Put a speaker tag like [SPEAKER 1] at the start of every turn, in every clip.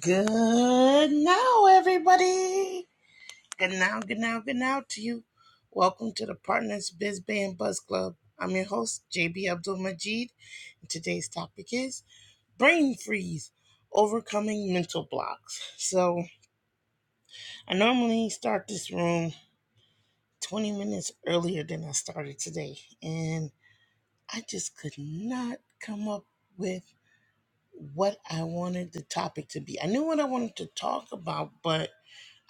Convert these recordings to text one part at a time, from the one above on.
[SPEAKER 1] Good now, everybody. Good now, good now, good now to you. Welcome to the Partners Biz Band Buzz Club. I'm your host, JB Abdul Majid, and today's topic is brain freeze, overcoming mental blocks. So, I normally start this room 20 minutes earlier than I started today, and I just could not come up with what I wanted the topic to be. I knew what I wanted to talk about, but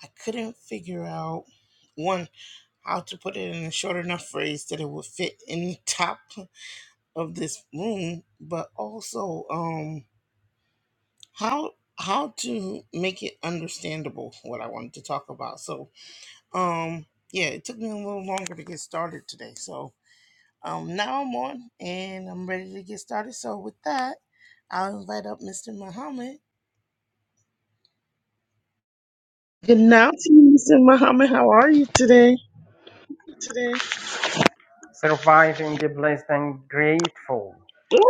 [SPEAKER 1] I couldn't figure out one how to put it in a short enough phrase that it would fit in top of this room, but also um how how to make it understandable what I wanted to talk about. So um yeah, it took me a little longer to get started today. So um now I'm on and I'm ready to get started. So with that, I'll invite up Mr. Muhammad. Good now to you, Mr. Muhammad. How are you today?
[SPEAKER 2] today. Surviving the blessed and grateful.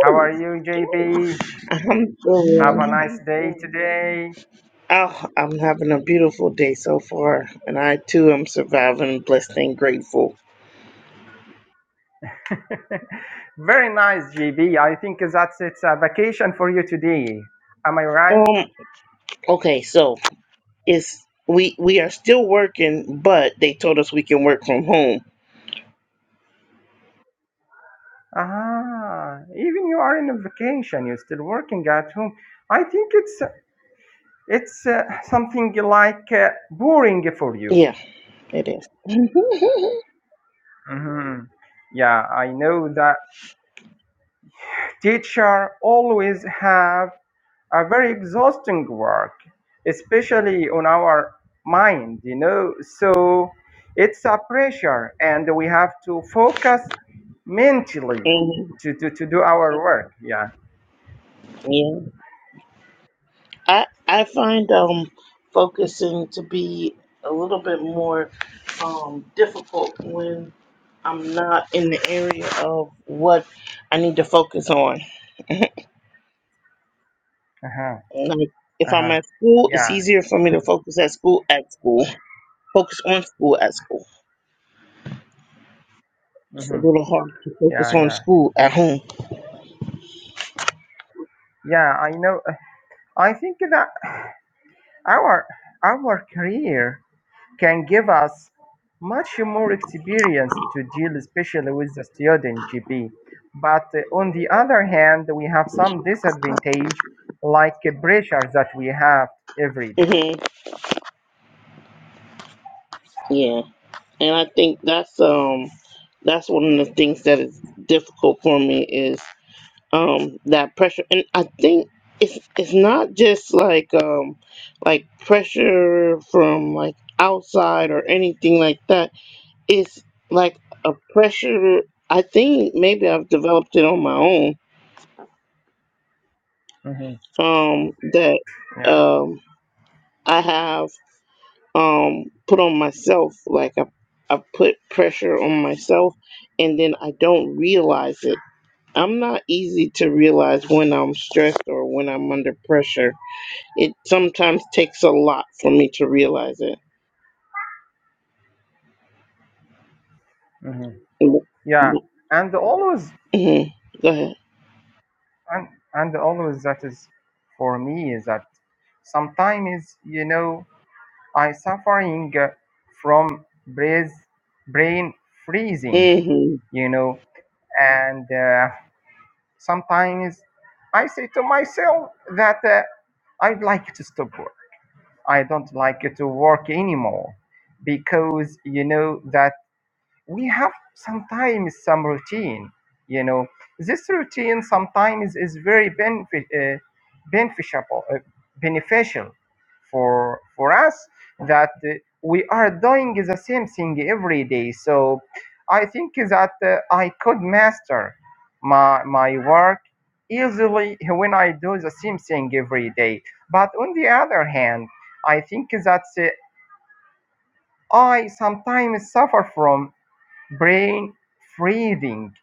[SPEAKER 2] How are you, JB? Have
[SPEAKER 1] Alhamdulillah.
[SPEAKER 2] a nice day today.
[SPEAKER 1] Oh, I'm having a beautiful day so far, and I too am surviving, blessed and grateful.
[SPEAKER 2] Very nice, JB. I think that's it's a vacation for you today. Am I right?
[SPEAKER 1] Um, okay, so it's we we are still working, but they told us we can work from home.
[SPEAKER 2] Ah, even you are in a vacation. You're still working at home. I think it's it's uh, something like uh, boring for you.
[SPEAKER 1] Yeah, it is.
[SPEAKER 2] Mhm. Yeah, I know that teacher always have a very exhausting work, especially on our mind, you know. So it's a pressure, and we have to focus mentally
[SPEAKER 1] Mhm,
[SPEAKER 2] to, to, to do our work. Yeah.
[SPEAKER 1] Yeah, I I find um focusing to be a little bit more um difficult when I'm not in the area of what I need to focus on.
[SPEAKER 2] Uh-huh.
[SPEAKER 1] Like if I'm
[SPEAKER 2] Uh-huh.
[SPEAKER 1] at school, it's
[SPEAKER 2] Yeah.
[SPEAKER 1] easier for me to focus at school at school, focus on school at school. It's a
[SPEAKER 2] hmm
[SPEAKER 1] little hard to focus
[SPEAKER 2] Yeah.
[SPEAKER 1] on
[SPEAKER 2] Yeah.
[SPEAKER 1] school at home.
[SPEAKER 2] Yeah. I know. I think that our our career can give us much more experience to deal especially with the student GP. But uh, on the other hand, we have some disadvantage like a pressure that we have every day.
[SPEAKER 1] hmm Yeah, and I think that's um that's one of the things that is difficult for me is um that pressure, and I think it's it's not just like um like pressure from like outside or anything like that. It's like a pressure. I think maybe I've developed it on my own
[SPEAKER 2] hmm
[SPEAKER 1] um, that
[SPEAKER 2] Yeah,
[SPEAKER 1] um, I have um, put on myself. Like I, I put pressure on myself, and then I don't realize it. I'm not easy to realize when I'm stressed or when I'm under pressure. It sometimes takes a lot for me to realize it.
[SPEAKER 2] hmm yeah. And always,
[SPEAKER 1] Mhm. Go ahead.
[SPEAKER 2] and, and always that is for me is that sometimes, you know, I suffering uh, from brain, brain freezing,
[SPEAKER 1] hmm
[SPEAKER 2] you know, and uh, Sometimes I say to myself that uh, I'd like to stop work. I don't like to work anymore because you know that we have sometimes some routine you know this routine sometimes is very benefit, uh, beneficial uh, beneficial for for us that uh, we are doing the same thing every day so i think that uh, i could master my my work easily when i do the same thing every day but on the other hand i think that uh, i sometimes suffer from brain freezing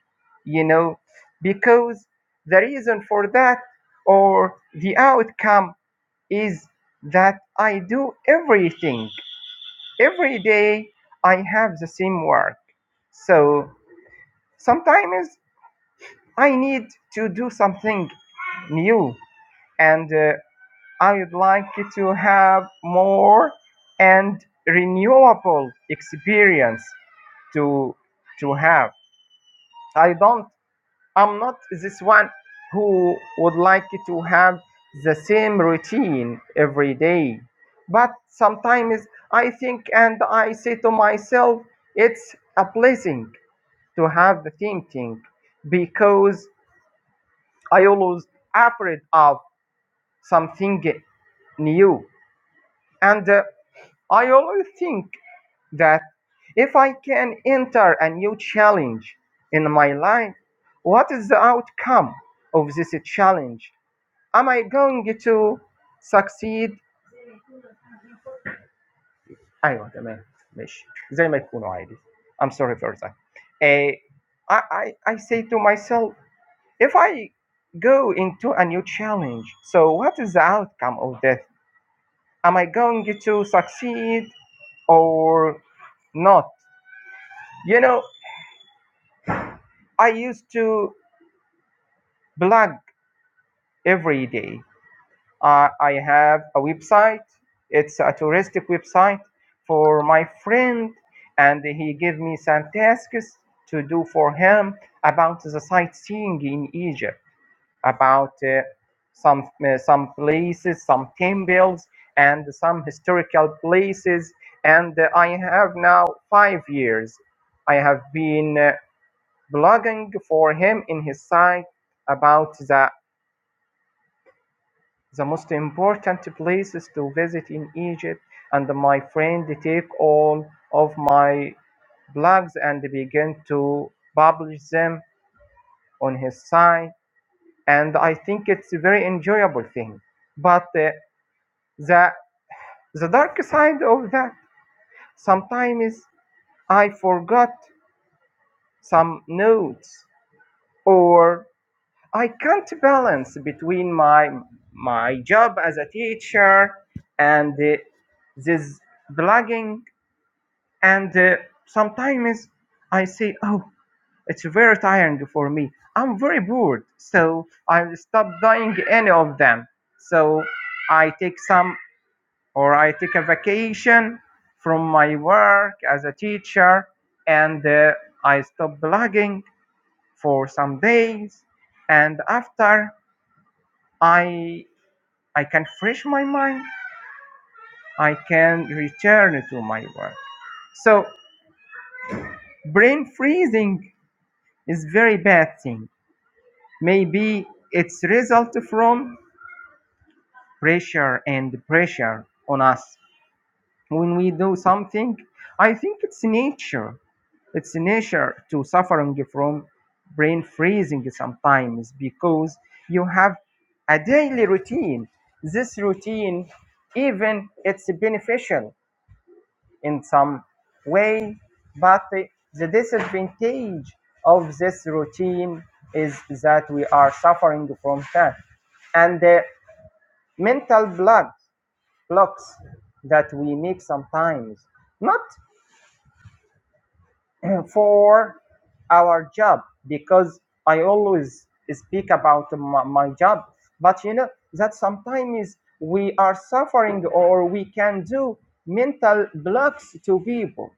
[SPEAKER 2] you know because the reason for that or the outcome is that i do everything every day i have the same work so sometimes i need to do something new and uh, i would like to have more and renewable experience to to have i don't I'm not this one who would like to have the same routine every day. But sometimes I think and I say to myself, it's a blessing to have the thinking because I always afraid of something new. And uh, I always think that if I can enter a new challenge in my life, what is the outcome of this challenge? am I going to succeed ايوه تمام ماشي زي ما يكونوا عادي I'm sorry for that Eh, I, I, I say to myself if I go into a new challenge so what is the outcome of that am I going to succeed or not you know I used to blog every day Uh, I have a website. It's a touristic website for my friend, and he gave me some tasks to do for him about the sightseeing in Egypt, about uh, some uh, some places, some temples, and some historical places. And uh, I have now five years. I have been uh, blogging for him in his site about the the most important places to visit in Egypt and my friend take all of my blogs and begin to publish them on his site and I think it's a very enjoyable thing. But uh, the the dark side of that sometimes I forgot some notes or I can't balance between my my job as a teacher and uh, this blogging and uh, sometimes i say oh it's very tiring for me i'm very bored so i stop doing any of them so i take some or i take a vacation from my work as a teacher and uh, i stop blogging for some days and after i i can fresh my mind i can return to my work so brain freezing is very bad thing Maybe it's result from pressure and pressure on us when we do something. I think it's nature. It's nature to suffering from brain freezing sometimes because you have a daily routine. This routine, even it's beneficial in some way, but the disadvantage of this routine is that we are suffering from that and uh, mental block blocks that we make sometimes not for our job because i always speak about my, my job but you know that sometimes we are suffering or we can do mental blocks to people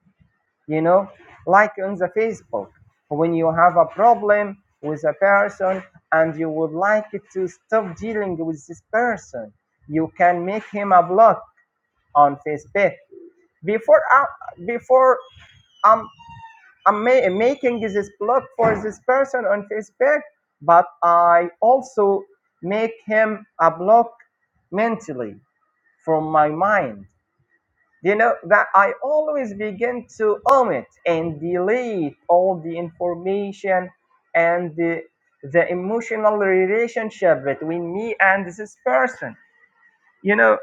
[SPEAKER 2] you know like on the facebook when you have a problem with a person and you would like to stop dealing with this person you can make him a block on Facebook. Before I before I'm I'm ma- making this blog for this person on Facebook, but I also make him a block mentally from my mind. You know that I always begin to omit and delete all the information and the, the emotional relationship between me and this person. You know,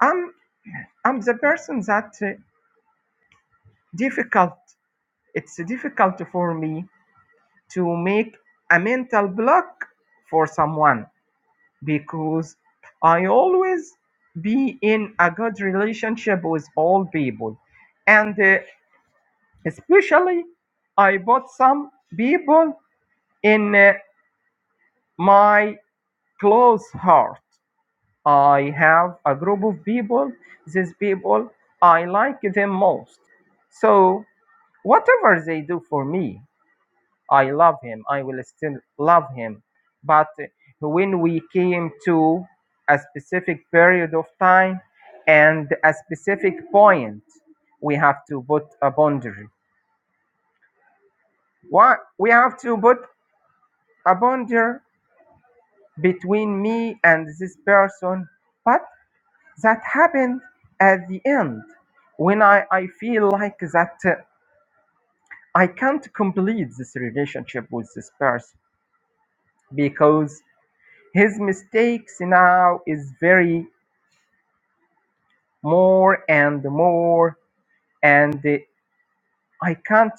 [SPEAKER 2] I'm I'm the person that uh, difficult It's difficult for me to make a mental block for someone because I always be in a good relationship with all people. And uh, especially, I put some people in uh, my close heart. I have a group of people, these people, I like them most. So, whatever they do for me, I love him. I will still love him. But when we came to a specific period of time and a specific point, we have to put a boundary. Why? We have to put a boundary between me and this person. But that happened at the end when I, I feel like that uh, I can't complete this relationship with this person because His mistakes now is very more and more and uh, I can't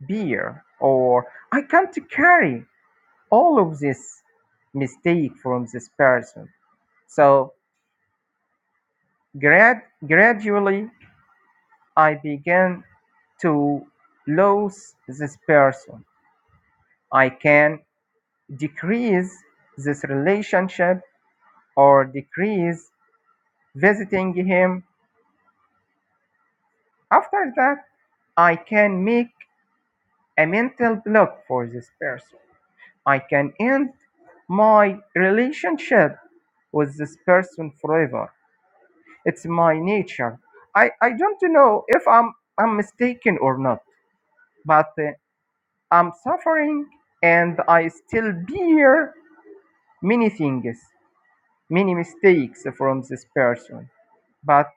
[SPEAKER 2] bear or I can't carry all of this mistake from this person. So grad- gradually I began to lose this person. I can decrease this relationship or decrease visiting him. After that, I can make a mental block for this person. I can end my relationship with this person forever. It's my nature. I, I don't know if I'm, I'm mistaken or not, but uh, I'm suffering and I still bear many things, many mistakes from this person. But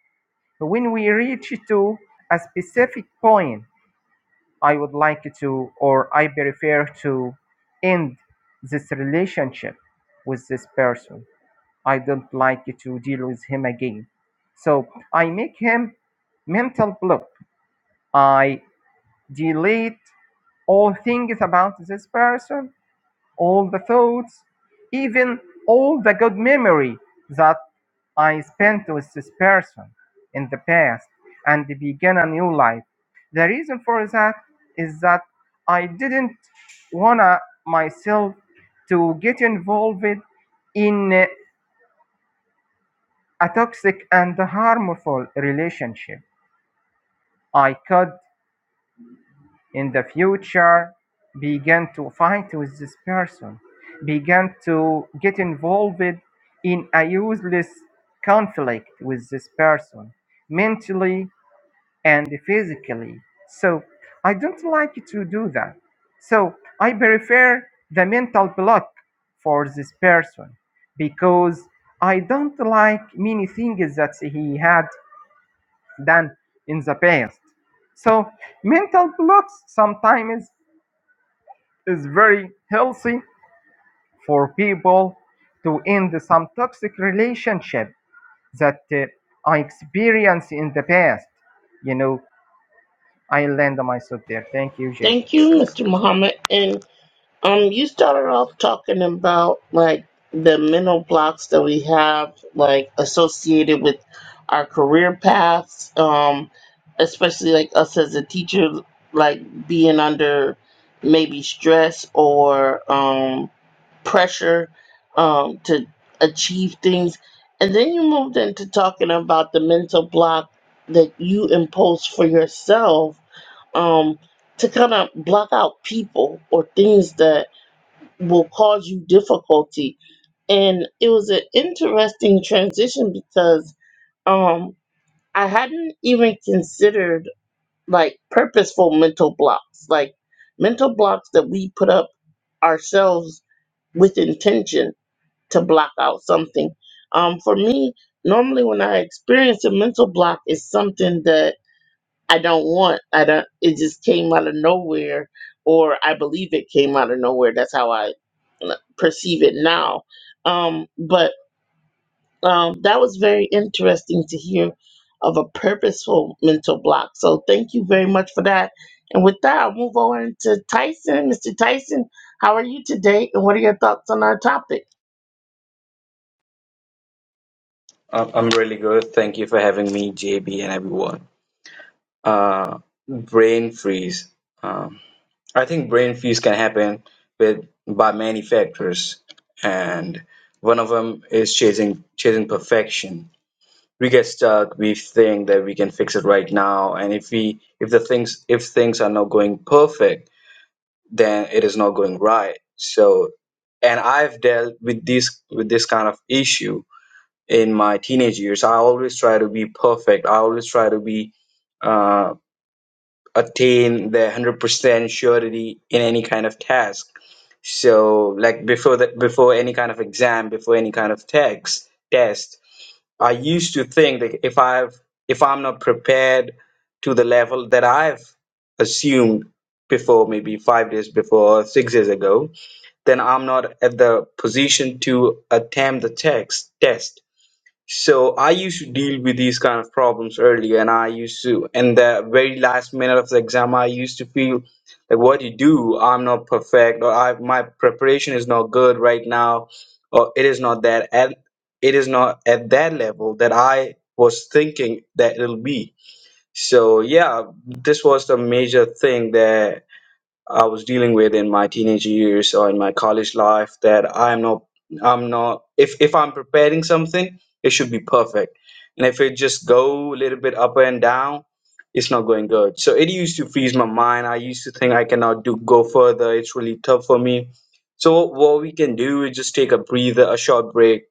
[SPEAKER 2] when we reach to a specific point, I would like to, or I prefer to end this relationship with this person. I don't like to deal with him again. So I make him mental block. I delete all things about this person all the thoughts, even all the good memory that I spent with this person in the past and began a new life. The reason for that is that I didn't wanna myself to get involved in a toxic and harmful relationship. I could in the future began to fight with this person, began to get involved in a useless conflict with this person, mentally and physically. So I don't like to do that. So I prefer the mental block for this person because I don't like many things that he had done in the past. So mental blocks sometimes it's very healthy for people to end some toxic relationship that uh, I experienced in the past. You know, I land myself there. Thank you, Jake.
[SPEAKER 1] Thank you, Mr. Muhammad. and. Um, you started off talking about like the mental blocks that we have, like associated with our career paths, um, especially like us as a teacher, like being under maybe stress or um, pressure um, to achieve things. And then you moved into talking about the mental block that you impose for yourself um, to kind of block out people or things that will cause you difficulty. And it was an interesting transition because um I hadn't even considered like purposeful mental blocks, like mental blocks that we put up ourselves with intention to block out something. Um for me, normally when I experience a mental block it's something that I don't want. I don't. It just came out of nowhere, or I believe it came out of nowhere. That's how I l- perceive it now. Um, but um, that was very interesting to hear of a purposeful mental block. So thank you very much for that. And with that, I'll move on to Tyson. Mr. Tyson, how are you today? And what are your thoughts on our topic?
[SPEAKER 3] Uh, I'm really good. Thank you for having me, JB, and everyone. Uh, brain freeze. Um, I think brain freeze can happen with by many factors, and one of them is chasing chasing perfection. We get stuck. We think that we can fix it right now, and if we if the things if things are not going perfect, then it is not going right. So, and I've dealt with this with this kind of issue in my teenage years i always try to be perfect i always try to be uh, attain the 100% surety in any kind of task so like before that before any kind of exam before any kind of text test i used to think that if i've if i'm not prepared to the level that i've assumed before maybe five days before or six days ago then i'm not at the position to attempt the text test so I used to deal with these kind of problems earlier, and I used to, in the very last minute of the exam, I used to feel like, "What do you do? I'm not perfect, or I my preparation is not good right now, or it is not that at it is not at that level that I was thinking that it'll be." So yeah, this was the major thing that I was dealing with in my teenage years or in my college life that I'm not I'm not if if I'm preparing something, it should be perfect. And if it just go a little bit up and down, it's not going good. So it used to freeze my mind. I used to think I cannot do go further. It's really tough for me. So what we can do is just take a breather, a short break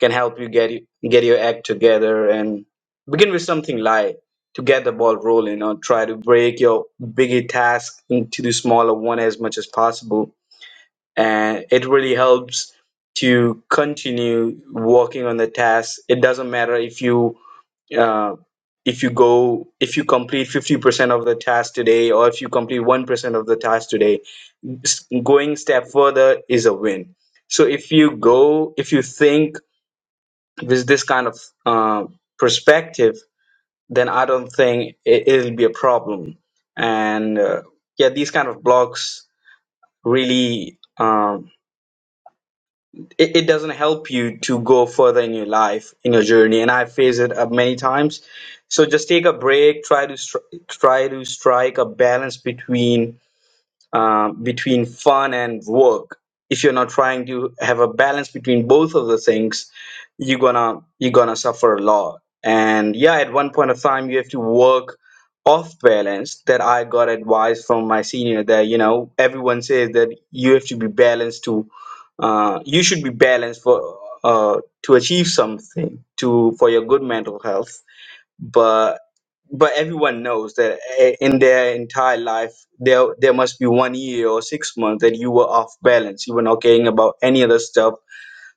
[SPEAKER 3] can help you get get your act together and begin with something light to get the ball rolling or try to break your bigger task into the smaller one as much as possible. And it really helps to continue working on the task. It doesn't matter if you uh, if you go if you complete 50% of the task today or if you complete 1% of the task today s- going step further is a win so if you go if you think with this kind of uh, perspective then I don't think it, it'll be a problem. And uh, yeah, these kind of blocks really um, it, it doesn't help you to go further in your life in your journey. And I face it up many times. So just take a break. Try to stri- try to strike a balance between um, between fun and work if you're not trying to have a balance between both of the things you're gonna you're gonna suffer a lot and yeah at one point of time you have to work off balance that i got advice from my senior that you know everyone says that you have to be balanced to uh, you should be balanced for uh, to achieve something to for your good mental health but but everyone knows that eh, in their entire life there there must be one year or six months that you were off balance you were not caring about any other stuff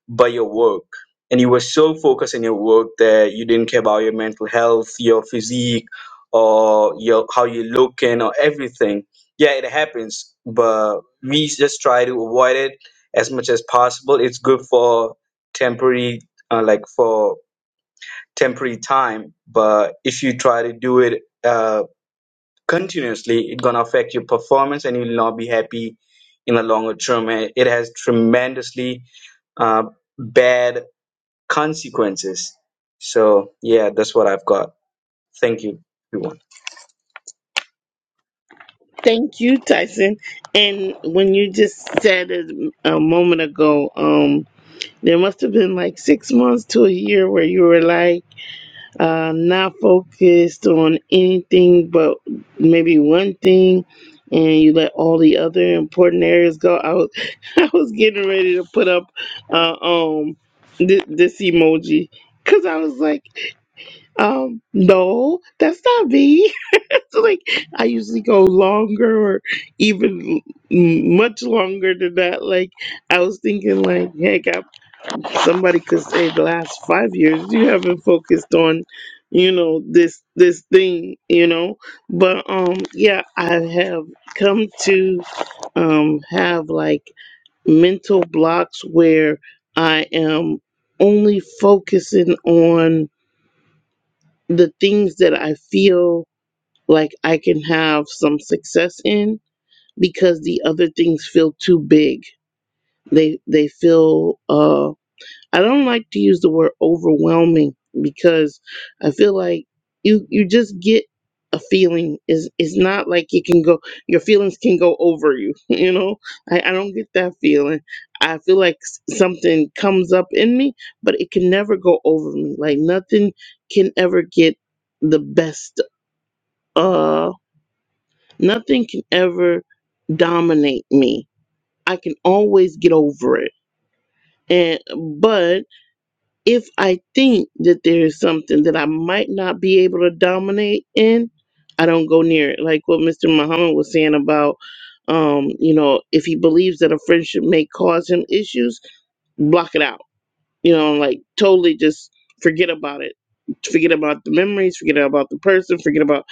[SPEAKER 3] but your work and you were so focused in your work that you didn't care about your mental health your physique or your how you looking or everything yeah it happens but we just try to avoid it as much as possible it's good for temporary uh, like for temporary time but if you try to do it uh, continuously it's going to affect your performance and you'll not be happy in the longer term and it has tremendously uh, bad consequences so yeah that's what i've got thank you everyone
[SPEAKER 1] Thank you, Tyson. And when you just said it a moment ago, um, there must have been like six months to a year where you were like uh, not focused on anything but maybe one thing and you let all the other important areas go i was i was getting ready to put up uh, um th- this emoji because i was like um no that's not me so like i usually go longer or even m- much longer than that like i was thinking like heck I Somebody could say the last five years you haven't focused on, you know, this this thing, you know. But um yeah, I have come to um have like mental blocks where I am only focusing on the things that I feel like I can have some success in because the other things feel too big. They they feel uh. I don't like to use the word overwhelming because I feel like you you just get a feeling is it's not like you can go your feelings can go over you you know I, I don't get that feeling i feel like s- something comes up in me but it can never go over me like nothing can ever get the best uh nothing can ever dominate me i can always get over it and but if I think that there is something that I might not be able to dominate in, I don't go near it. Like what Mr. Muhammad was saying about, um, you know, if he believes that a friendship may cause him issues, block it out. You know, like totally just forget about it. Forget about the memories, forget about the person, forget about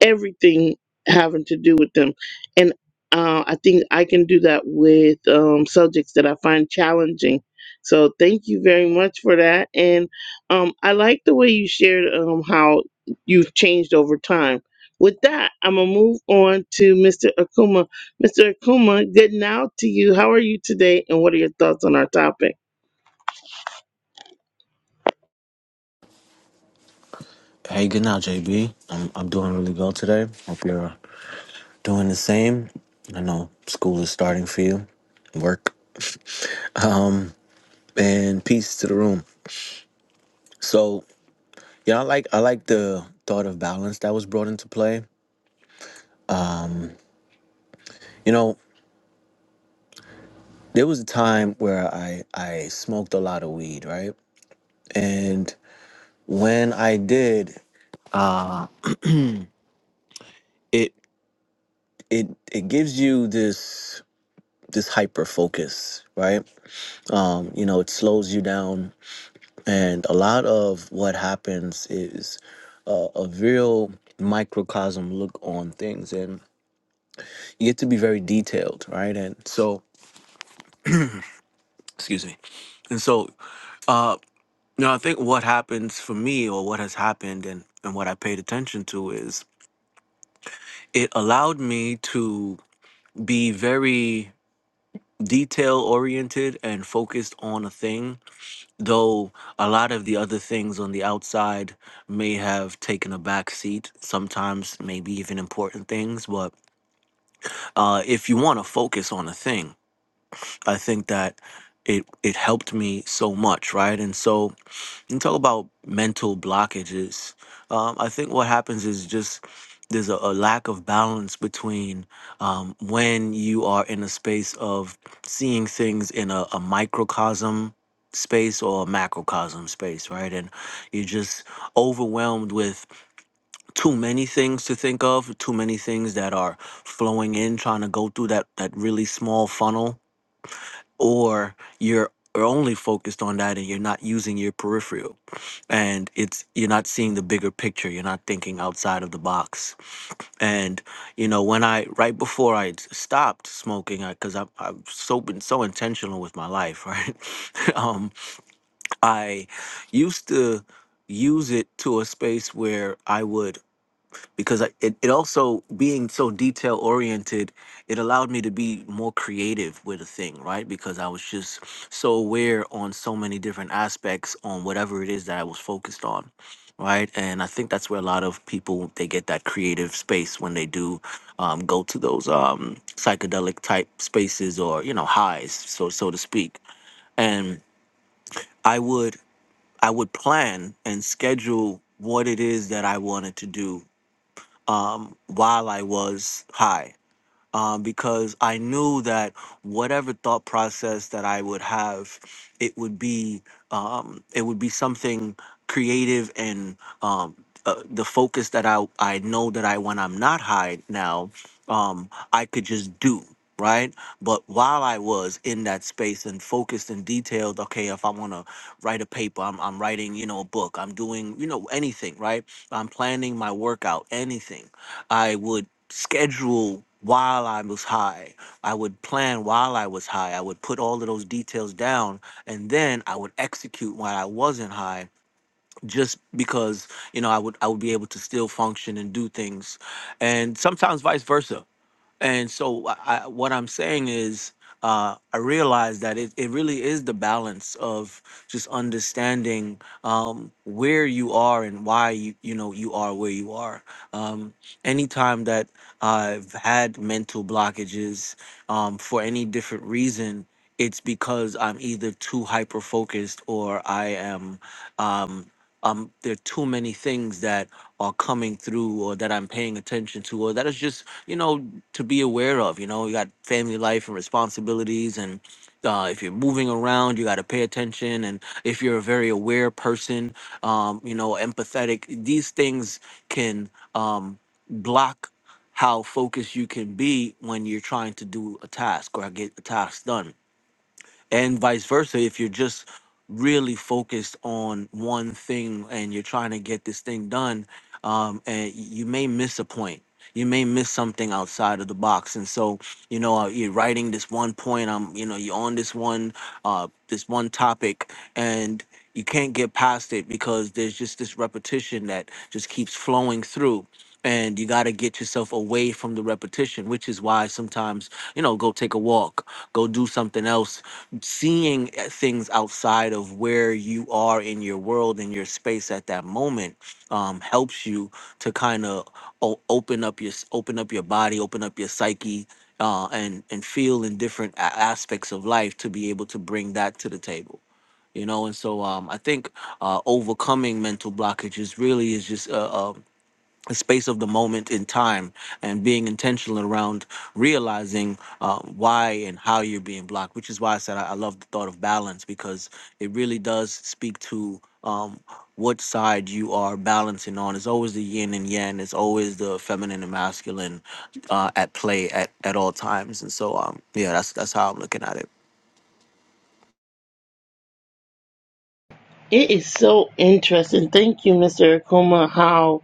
[SPEAKER 1] everything having to do with them. And uh, I think I can do that with um, subjects that I find challenging. So thank you very much for that. And um, I like the way you shared um, how you've changed over time. With that, I'm going to move on to Mr. Akuma. Mr. Akuma, good now to you. How are you today? And what are your thoughts on our topic?
[SPEAKER 4] Hey, good now, JB. I'm I'm doing really well today. Hope you're doing the same. I know school is starting for you, work. Um, and peace to the room. So, yeah, I like I like the thought of balance that was brought into play. You know, there was a time where I I smoked a lot of weed, right? And when I did, it it it gives you this this hyper focus, right? Um, you know, it slows you down And a lot of what happens is uh, a real microcosm look on things, and you get to be very detailed, right? And so, excuse me. And so, uh, you know, I think what happens for me, or what has happened, and and what I paid attention to is it allowed me to be very detail oriented and focused on a thing though a lot of the other things on the outside may have taken a back seat sometimes maybe even important things but uh, if you want to focus on a thing i think that it it helped me so much right and so and talk about mental blockages. Um, I think what happens is just there's a, a lack of balance between um, when you are in a space of seeing things in a, a microcosm space or a macrocosm space, right? And you're just overwhelmed with too many things to think of, too many things that are flowing in, trying to go through that that really small funnel or you're are only focused on that and you're not using your peripheral and it's you're not seeing the bigger picture you're not thinking outside of the box and you know when i right before I stopped smoking because i've I've so been so intentional with my life right um i used to use it to a space where i would because I, it, it also being so detail oriented it allowed me to be more creative with a thing right because i was just so aware on so many different aspects on whatever it is that i was focused on right and i think that's where a lot of people they get that creative space when they do um, go to those um, psychedelic type spaces or you know highs so so to speak and i would i would plan and schedule what it is that i wanted to do um, while I was high um, because I knew that whatever thought process that I would have, it would be um, it would be something creative and um, uh, the focus that I I know that I when I'm not high now, um, I could just do right. But while I was in that space and focused and detailed, okay, if I want to write a paper, I'm I'm writing you know a book, I'm doing you know anything right, I'm planning my workout, anything. I would schedule while I was high. I would plan while I was high. I would put all of those details down and then I would execute while I wasn't high just because, you know, I would I would be able to still function and do things. And sometimes vice versa. And so, I, I, what I'm saying is, uh, I realize that it, it really is the balance of just understanding um, where you are and why you you know you are where you are. Um, anytime that I've had mental blockages um, for any different reason, it's because I'm either too hyper focused or I am. Um, um, there are too many things that are coming through or that I'm paying attention to or that is just you know to be aware of. You know, you got family life and responsibilities, and uh, if you're moving around, you got to pay attention. And if you're a very aware person, um, you know, empathetic, these things can um, block how focused you can be when you're trying to do a task or get a task done and vice versa if you're just really focused on one thing and you're trying to get this thing done um, and you may miss a point you may miss something outside of the box and so you know uh, you're writing this one point i'm you know you're on this one uh, this one topic and you can't get past it because there's just this repetition that just keeps flowing through and you got to get yourself away from the repetition which is why sometimes you know go take a walk go do something else seeing uh, things outside of where you are in your world and your space at that moment um, helps you to kind of o- open up your open up your body, open up your psyche, uh, and and feel in different a- aspects of life to be able to bring that to the table. You know, and so um, I think uh, overcoming mental blockages really is just a, the space of the moment in time and being intentional around realizing uh, why and how you're being blocked, which is why I said I, I love the thought of balance because it really does speak to um, what side you are balancing on. It's always the yin and yang, it's always the feminine and masculine uh, at play at, at all times. And so, um, yeah, that's, that's how I'm looking at it.
[SPEAKER 1] It is so interesting. Thank you, Mr. Akuma, how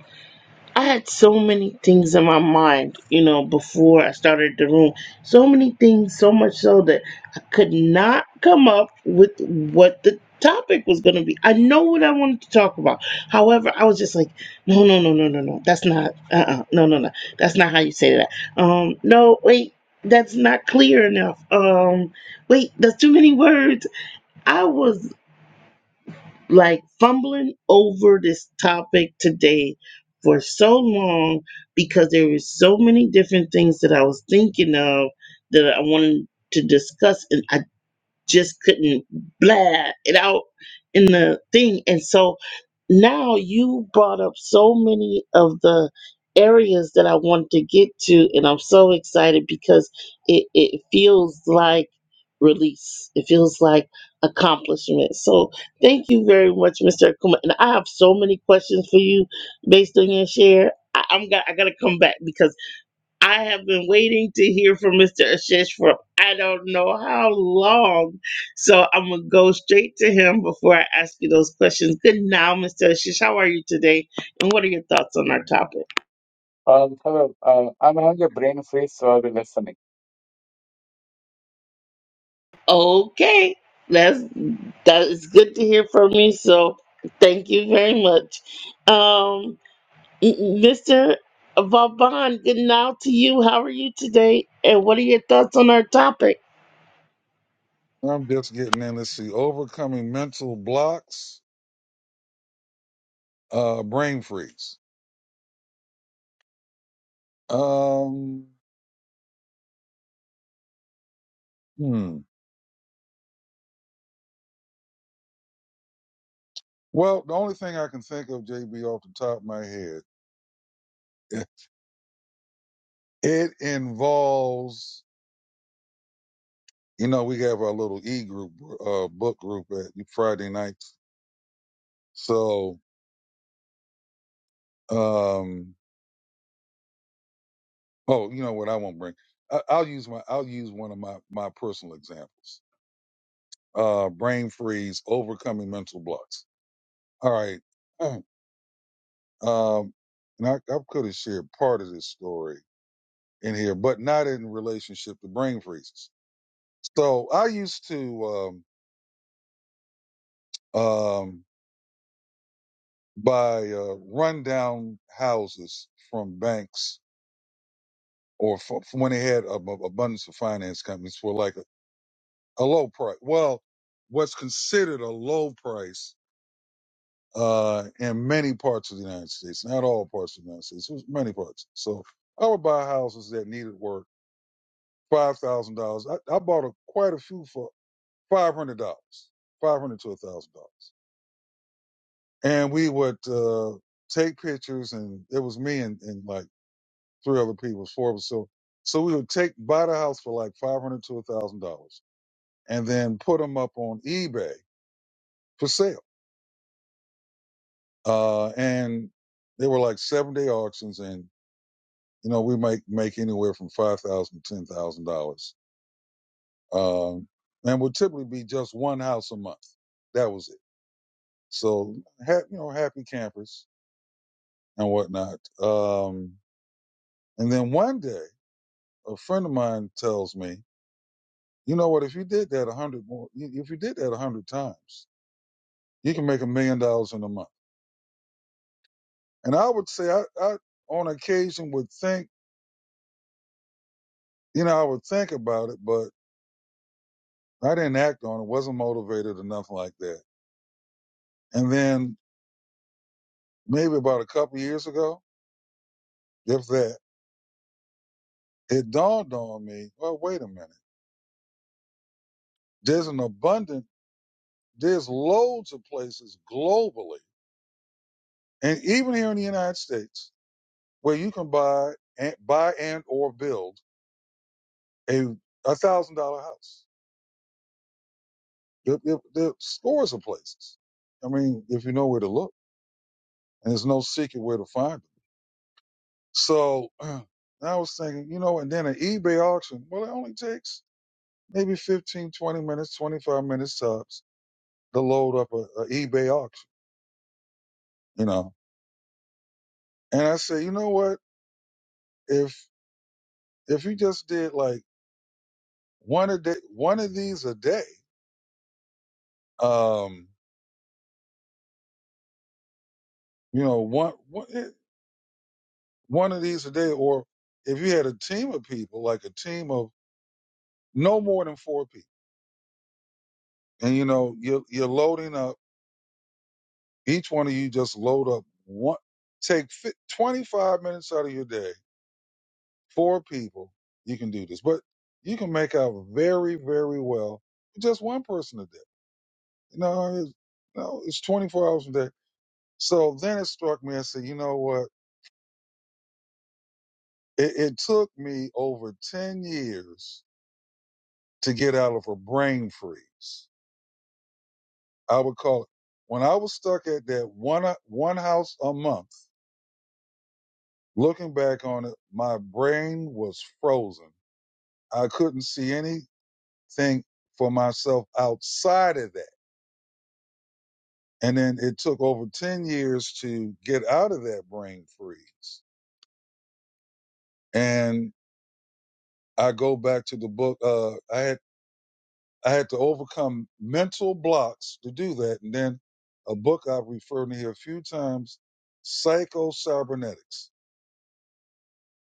[SPEAKER 1] I had so many things in my mind, you know, before I started the room. So many things, so much so that I could not come up with what the topic was going to be. I know what I wanted to talk about. However, I was just like, no, no, no, no, no, no. That's not, uh uh no, no, no. That's not how you say that. Um, no, wait. That's not clear enough. Um, wait, that's too many words. I was like fumbling over this topic today for so long because there were so many different things that I was thinking of that I wanted to discuss, and I just couldn't blab it out in the thing. And so now you brought up so many of the areas that I wanted to get to, and I'm so excited because it, it feels like release. It feels like accomplishment. So thank you very much, Mr. Akuma. And I have so many questions for you based on your share. I, I'm got I gotta come back because I have been waiting to hear from Mr. Ashish for I don't know how long. So I'm going to go straight to him before I ask you those questions. Good now, Mr. Ashish. How are you today? And what are your thoughts on our topic?
[SPEAKER 5] Um, hello. Uh, I'm having a brain freeze, so I'll be listening.
[SPEAKER 1] Okay. That's that is good to hear from me. So thank you very much. Um Mr. Vauban, good now to you. How are you today? And what are your thoughts on our topic?
[SPEAKER 6] I'm just getting in. Let's see. Overcoming mental blocks, uh, brain freeze. Um, hmm. Well, the only thing I can think of, JB, off the top of my head, it it involves, you know, we have our little e group, uh, book group at Friday nights. So, um, oh, you know what? I won't bring. I, I'll use my. I'll use one of my my personal examples. Uh, brain freeze, overcoming mental blocks. All right. Um, and I, I could have shared part of this story in here, but not in relationship to brain freezes. So I used to um, um, buy uh, rundown houses from banks or f- from when they had a, a- abundance of finance companies for like a, a low price. Well, what's considered a low price uh, in many parts of the United States, not all parts of the United States, it was many parts. So I would buy houses that needed work five thousand dollars. I, I bought a, quite a few for five hundred dollars, five hundred to a thousand dollars, and we would uh, take pictures, and it was me and, and like three other people, four of us. So, so we would take buy the house for like five hundred to a thousand dollars, and then put them up on eBay for sale. Uh, and they were like seven day auctions, and you know we might make anywhere from five thousand to ten thousand dollars, um, and would typically be just one house a month. That was it So, ha- you know, happy campers and whatnot. Um, and then one day, a friend of mine tells me, you know what? If you did that a hundred more, if you did that a hundred times, you can make a million dollars in a month. And I would say, I, I on occasion would think, you know, I would think about it, but I didn't act on it. wasn't motivated enough like that. And then maybe about a couple years ago, if that, it dawned on me. Well, wait a minute. There's an abundance There's loads of places globally, and even here in the United States, where you can buy and buy and or build a a thousand dollar house. There, there, there are scores of places. I mean, if you know where to look, and there's no secret where to find them. So and I was thinking, you know, and then an eBay auction. Well, it only takes maybe 15, 20 minutes, 25 minutes tops to load up a, a eBay auction. You know, and I say, you know what? If if you just did like one a day, one of these a day. Um, you know, one one eh, one of these a day, or if you had a team of people, like a team of no more than four people, and you know, you're you're loading up. Each one of you just load up one. Take fi- 25 minutes out of your day, four people. You can do this, but you can make out very, very well with just one person a day. You know, it's, you know, it's 24 hours a day. So then it struck me. I said, you know what? It, it took me over 10 years to get out of a brain freeze. I would call it when I was stuck at that one, uh, one house a month, looking back on it, my brain was frozen. I couldn't see anything for myself outside of that. And then it took over 10 years to get out of that brain freeze. And I go back to the book. Uh, I had I had to overcome mental blocks to do that. And then a book I've referred to here a few times, Psycho Cybernetics.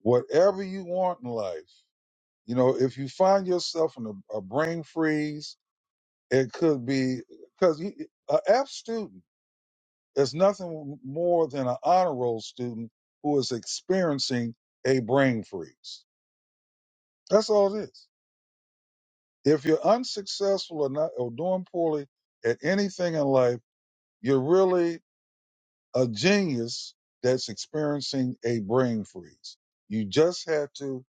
[SPEAKER 6] Whatever you want in life, you know, if you find yourself in a, a brain freeze, it could be because an F student is nothing more than an honor roll student who is experiencing a brain freeze. That's all it is. If you're unsuccessful or not or doing poorly at anything in life, you're really a genius that's experiencing a brain freeze. You just had to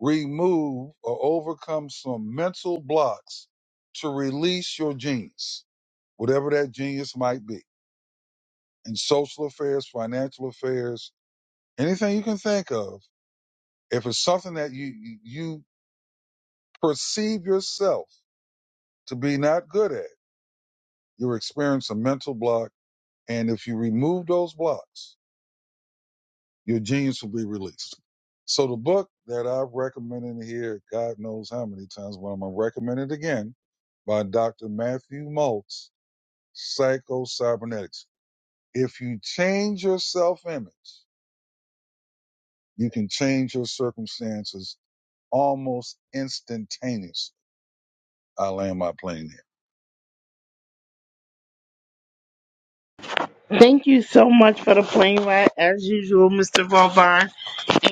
[SPEAKER 6] remove or overcome some mental blocks to release your genius, whatever that genius might be in social affairs, financial affairs, anything you can think of. If it's something that you, you you perceive yourself to be not good at, you're experiencing a mental block. And if you remove those blocks, Your genes will be released. So the book that I've recommended here, God knows how many times, but I'm gonna recommend it again by Dr. Matthew Maltz, Psycho Cybernetics. If you change your self image, you can change your circumstances almost instantaneously. I land my plane there.
[SPEAKER 1] Thank you so much for the plane ride, as usual, Mr. Vauban.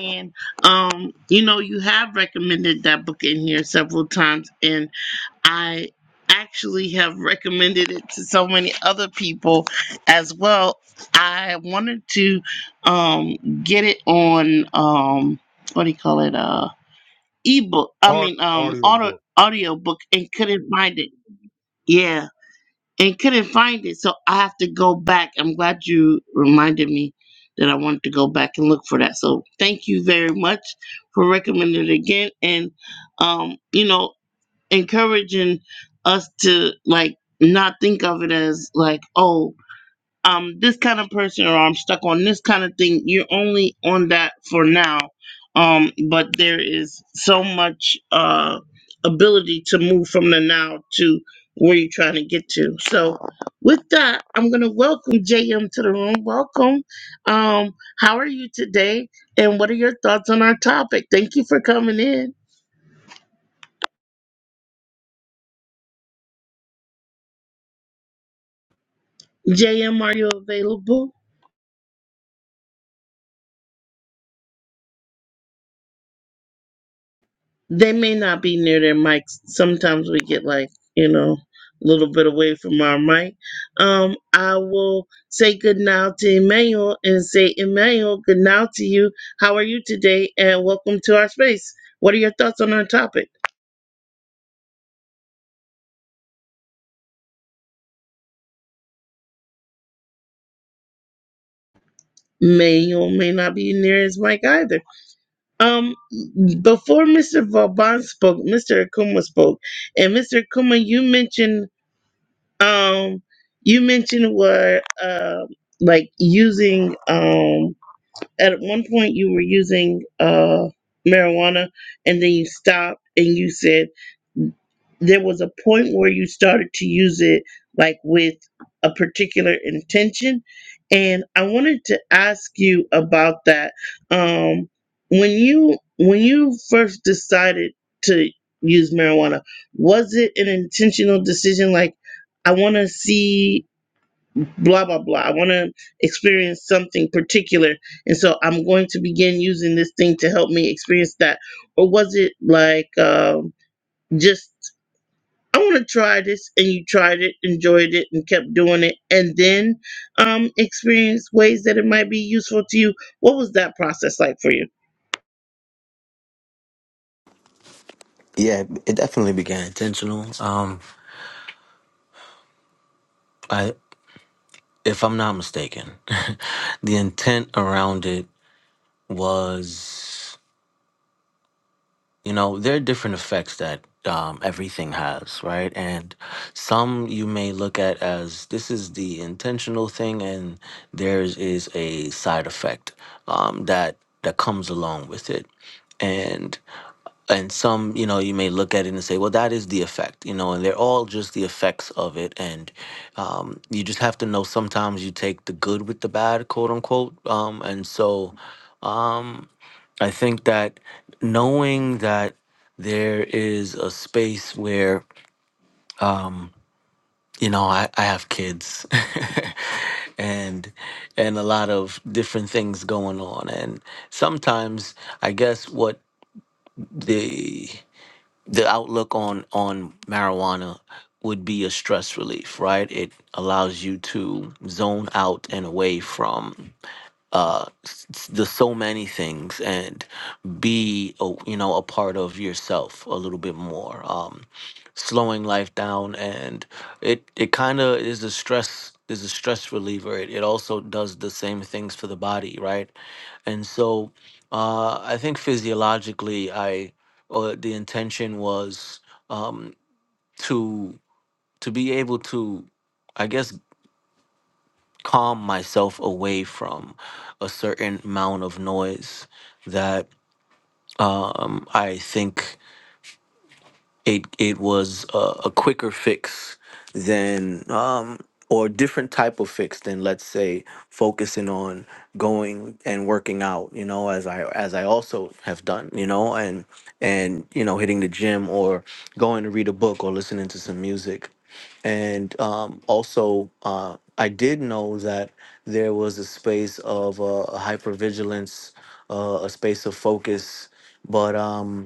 [SPEAKER 1] And um, you know, you have recommended that book in here several times, and I actually have recommended it to so many other people as well. I wanted to um get it on um what do you call it? Uh ebook. I
[SPEAKER 6] Art
[SPEAKER 1] mean um
[SPEAKER 6] audio
[SPEAKER 1] auto
[SPEAKER 6] book.
[SPEAKER 1] audio book and couldn't find it. Yeah and couldn't find it. So I have to go back. I'm glad you reminded me that I wanted to go back and look for that. So thank you very much for recommending it again and um, you know, encouraging us to like not think of it as like, oh, um this kind of person or I'm stuck on this kind of thing. You're only on that for now. Um, but there is so much uh ability to move from the now to where you're trying to get to. So with that, I'm gonna welcome JM to the room. Welcome. Um, how are you today? And what are your thoughts on our topic? Thank you for coming in. JM, are you available? they may not be near their mics. Sometimes we get like, you know, a little bit away from our mic. Um, I will say good now to Emmanuel and say, Emmanuel, good now to you. How are you today? And welcome to our space. What are your thoughts on our topic? Emmanuel may not be near his mic either. Um, before Mr. Vauban spoke, Mr. Akuma spoke. And Mr. Akuma, you mentioned Um, you mentioned were um like using um at one point you were using uh, marijuana and then you stopped and you said there was a point where you started to use it like with a particular intention and i wanted to ask you about that um when you when you first decided to use marijuana was it an intentional decision like i want to see blah blah blah. I want to experience something particular, and so I'm going to begin using this thing to help me experience that. Or was it like um, just I want to try this, and you tried it, enjoyed it, and kept doing it, and then um, experience ways that it might be useful to you? What was that process like for you?
[SPEAKER 4] Yeah, it definitely began intentional. Um, I, if I'm not mistaken, the intent around it. was you know there are different effects that um, everything has right and some you may look at as this is the intentional thing and theirs is a side effect um, that that comes along with it and and some you know you may look at it and say well that is the effect you know and they're all just the effects of it and um, you just have to know sometimes you take the good with the bad quote unquote um, and so um, I think that knowing that there is a space where you know I, I have kids and and a lot of different things going on and sometimes I guess what the the outlook on on marijuana would be a stress relief right it allows you to zone out and away from uh s- s- the so many things and be a, you know a part of yourself a little bit more um slowing life down and it it kind of is a stress is a stress reliever it, it also does the same things for the body right and so uh i think physiologically i or the intention was um to to be able to i guess calm myself away from a certain amount of noise that um, I think it it was a, a quicker fix than um, or different type of fix than let's say focusing on going and working out you know as i as i also have done you know and and you know hitting the gym or going to read a book or listening to some music and um, also uh, i did know that there was a space of uh, hypervigilance uh, a space of focus but um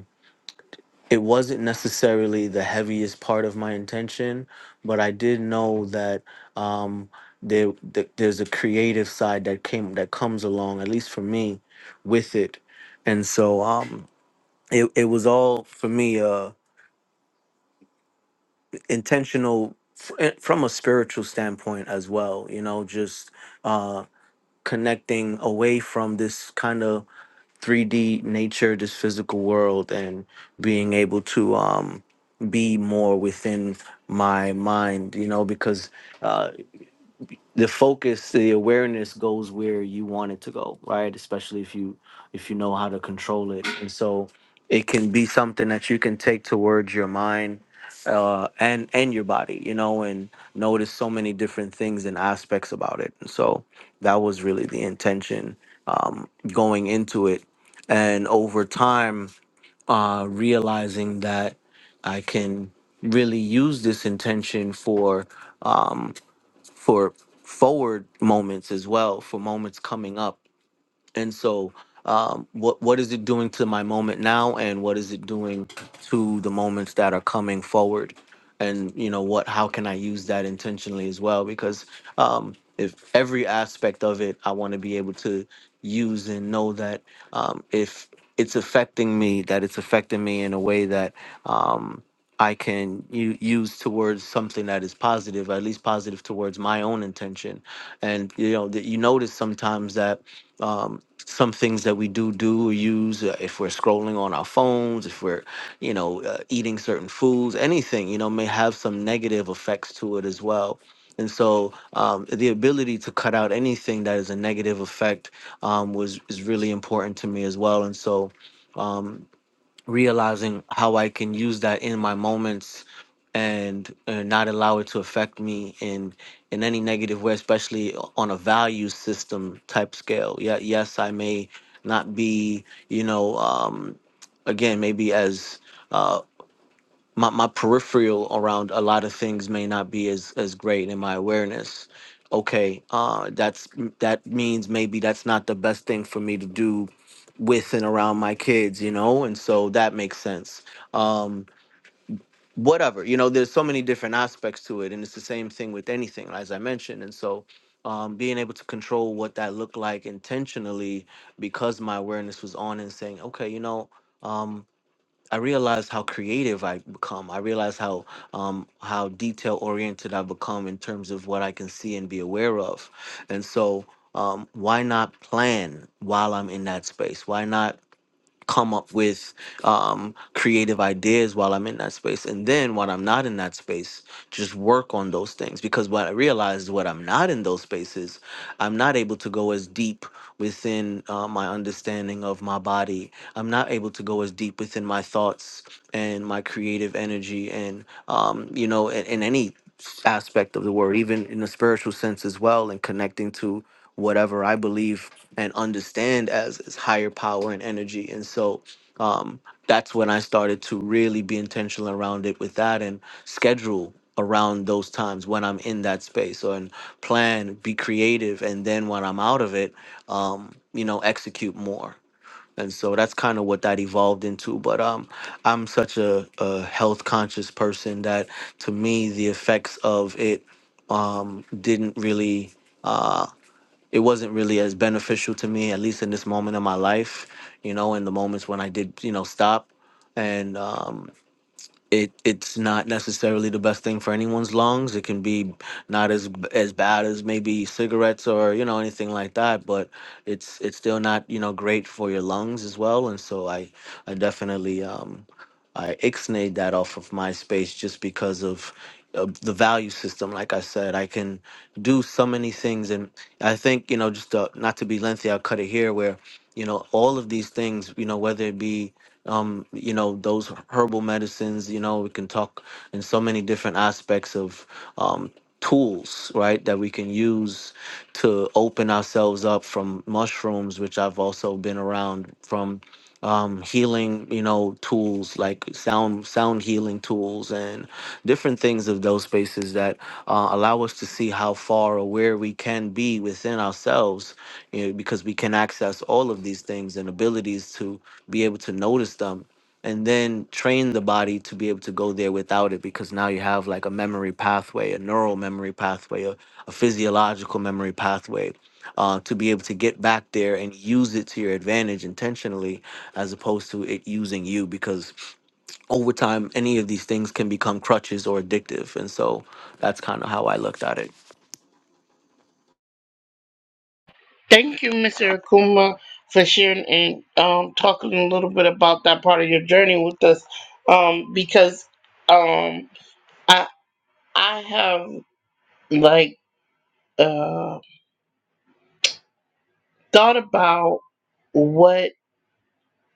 [SPEAKER 4] it wasn't necessarily the heaviest part of my intention, but I did know that um, there th- there's a creative side that came that comes along, at least for me, with it, and so um, it it was all for me uh, intentional f- eh, from a spiritual standpoint as well. You know, just uh, connecting away from this kind of 3D nature, this physical world, and being able to um, be more within my mind, you know, because uh, the focus the awareness goes where you want it to go right especially if you if you know how to control it and so it can be something that you can take towards your mind uh and and your body you know and notice so many different things and aspects about it and so that was really the intention um going into it and over time uh realizing that i can really use this intention for um, for forward moments as well, for moments coming up and so um, what what is it doing to my moment now, and what is it doing to the moments that are coming forward? And you know what? How can I use that intentionally as well? Because um, if every aspect of it, I want to be able to use and know that um, if it's affecting me, that it's affecting me in a way that um, I can u- use towards something that is positive, at least positive towards my own intention. And you know that you notice sometimes that. Um, some things that we do do or use uh, if we're scrolling on our phones if we're you know uh, eating certain foods anything you know may have some negative effects to it as well and so um, the ability to cut out anything that is a negative effect um, was is really important to me as well and so um, realizing how I can use that in my moments and uh, not allow it to affect me in in any negative way, especially on a value system type scale. Yeah, yes, I may not be, you know, um, again, maybe as uh, my, my peripheral around a lot of things may not be as as great in my awareness okay uh that's that means maybe that's not the best thing for me to do with and around my kids you know and so that makes sense um whatever you know there's so many different aspects to it and it's the same thing with anything as i mentioned and so um, being able to control what that looked like intentionally because my awareness was on and saying okay you know um, I realized how creative I become. I realized how um, how detail oriented I become in terms of what I can see and be aware of. And so, um, why not plan while I'm in that space? Why not come up with um, creative ideas while I'm in that space. And then when I'm not in that space, just work on those things. Because what I realized, is, when I'm not in those spaces, I'm not able to go as deep within uh, my understanding of my body. I'm not able to go as deep within my thoughts and my creative energy and, um, you know, in, in any aspect of the word, even in the spiritual sense as well, and connecting to whatever I believe and understand as, is higher power and energy. And so um, that's when I started to really be intentional around it with that and schedule around those times when I'm in that space or and plan, be creative. And then when I'm out of it, um, you know, execute more. And so that's kind of what that evolved into. But um, I'm such a, a health conscious person that to me, the effects of it um, didn't really. uh, it wasn't really as beneficial to me, at least in this moment of my life, you know, in the moments when I did, you know, stop. And um, it it's not necessarily the best thing for anyone's lungs. It can be not as as bad as maybe cigarettes or you know anything like that, but it's it's still not you know great for your lungs as well. And so I I definitely um, I ixnayed that off of MySpace just because of uh, the value system. Like I said, I can do so many things, and I think you know, just uh, not to be lengthy, I'll cut it here. Where you know, all of these things, you know, whether it be um, you know those herbal medicines, you know, we can talk in so many different aspects of um, tools, right, that we can use to open ourselves up from mushrooms, which I've also been around from um, healing, you know, tools like sound sound healing tools and different things of those spaces that uh, allow us to see how far or where we can be within ourselves, you know, because we can access all of these things and abilities to be able to notice them and then train the body to be able to go there without it because now you have like a memory pathway a neural memory pathway a, a physiological memory pathway uh, to be able to get back there and use it to your advantage intentionally as opposed to it using you because over time any of these things can become crutches or addictive and so that's kind of how i looked at it
[SPEAKER 1] Thank you, Mr. Akuma, for sharing and um, talking a little bit about that part of your journey with us, um, because um, I I have. like uh thought about what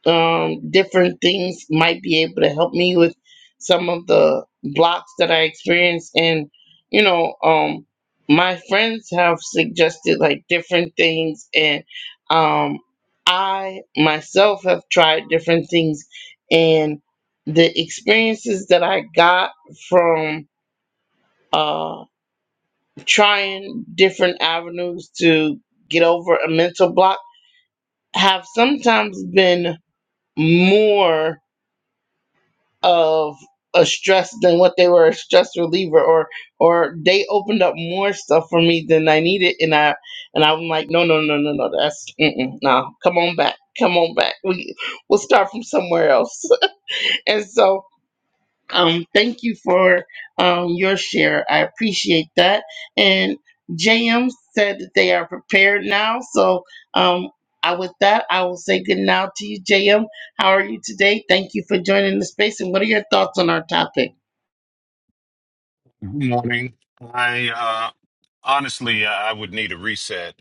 [SPEAKER 1] um different things might be able to help me with some of the blocks that I experience and you know um my friends have suggested like different things and um I myself have tried different things and the experiences that I got from uh trying different avenues to get over a mental block have sometimes been more of a stress than what they were a stress reliever or or they opened up more stuff for me than I needed and I and I'm like no no no no no that's mm-mm, no come on back come on back we we'll start from somewhere else and so um, thank you for um, your share. I appreciate that. And JM said that they are prepared now. So um, I, with that, I will say good now to you, JM. How are you today? Thank you for joining the space. And what are your thoughts on our topic?
[SPEAKER 7] Good Morning. I uh, honestly, I would need a reset.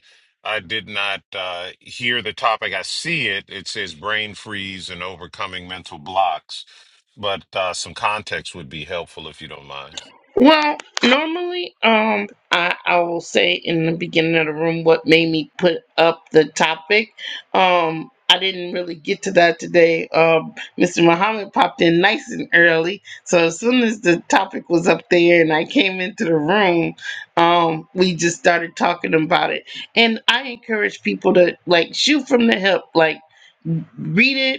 [SPEAKER 7] I did not uh, hear the topic. I see it. It says brain freeze and overcoming mental blocks, but uh, some context would be helpful if you don't mind.
[SPEAKER 1] Well, normally, um, I, I will say in the beginning of the room what made me put up the topic. Um, I didn't really get to that today. Um, Mr. Muhammad popped in nice and early, so as soon as the topic was up there and I came into the room, um, we just started talking about it. And I encourage people to like shoot from the hip, like read it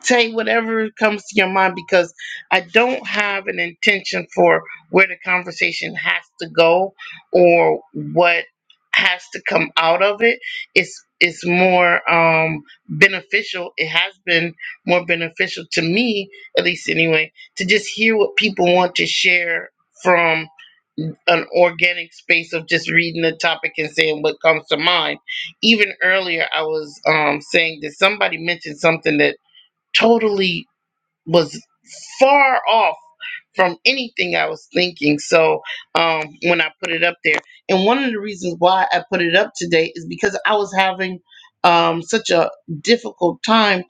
[SPEAKER 1] say whatever comes to your mind because I don't have an intention for where the conversation has to go or what has to come out of it. It's it's more um, beneficial. It has been more beneficial to me, at least anyway, to just hear what people want to share from an organic space of just reading the topic and saying what comes to mind. Even earlier, I was um, saying that somebody mentioned something that totally was far off from anything I was thinking. So um, when I put it up there, and one of the reasons why I put it up today is because I was having um, such a difficult time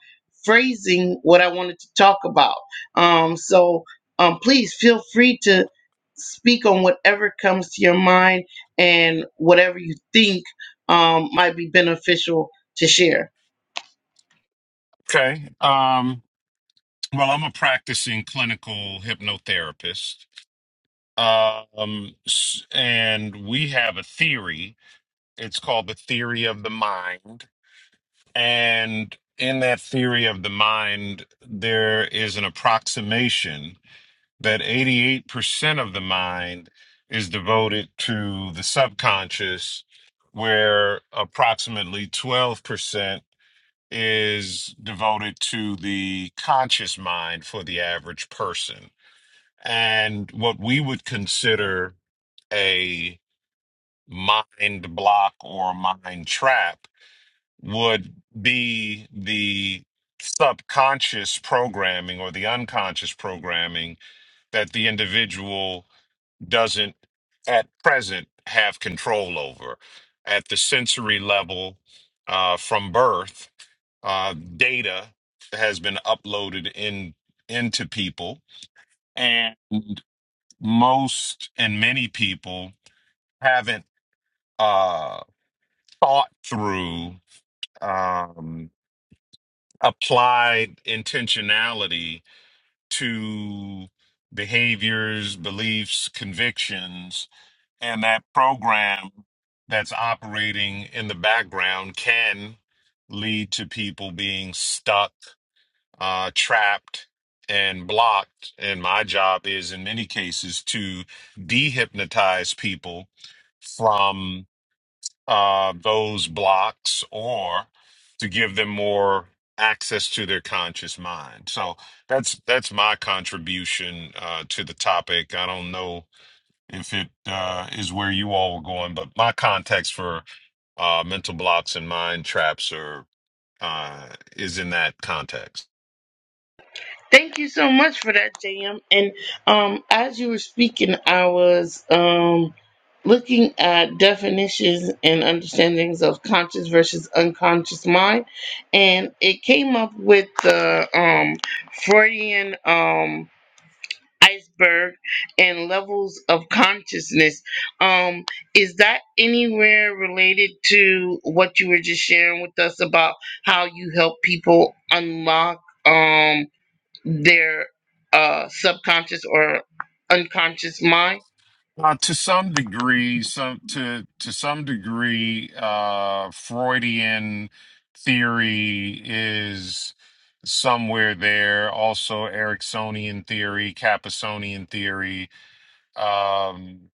[SPEAKER 1] phrasing what I wanted to talk about. Um, so um, please feel free to speak on whatever comes to your mind and whatever you think um, might be beneficial to share.
[SPEAKER 7] Okay. Um, well, I'm a practicing clinical hypnotherapist, um, s- and we have a theory. It's called the theory of the mind. And in that theory of the mind, there is an approximation that 88% of the mind is devoted to the subconscious, where approximately 12% is devoted to the conscious mind for the average person. And what we would consider a mind block or mind trap would be the subconscious programming or the unconscious programming that the individual doesn't at present have control over. At the sensory level uh, from birth, uh, data has been uploaded in into people, and most and many people haven't uh, thought through. Um, applied intentionality to behaviors, beliefs, convictions, and that program that's operating in the background can lead to people being stuck, uh, trapped, and blocked. And my job is, in many cases, to dehypnotize people from uh, those blocks or to give them more access to their conscious mind. So that's that's my contribution uh, to the topic. I don't know if it uh, is where you all were going, but my context for uh, mental blocks and mind traps are uh, is in that context.
[SPEAKER 1] Thank you so much for that, JM. And um, as you were speaking, I was um, looking at definitions and understandings of conscious versus unconscious mind, and it came up with the um, Freudian um, iceberg and levels of consciousness. Um, is that anywhere related to what you were just sharing with us about how you help people unlock? Um, their uh, subconscious or unconscious mind.
[SPEAKER 7] Uh, to some degree, some to to some degree, uh, Freudian theory is somewhere there. Also, Ericksonian theory, Capasonian theory. Um,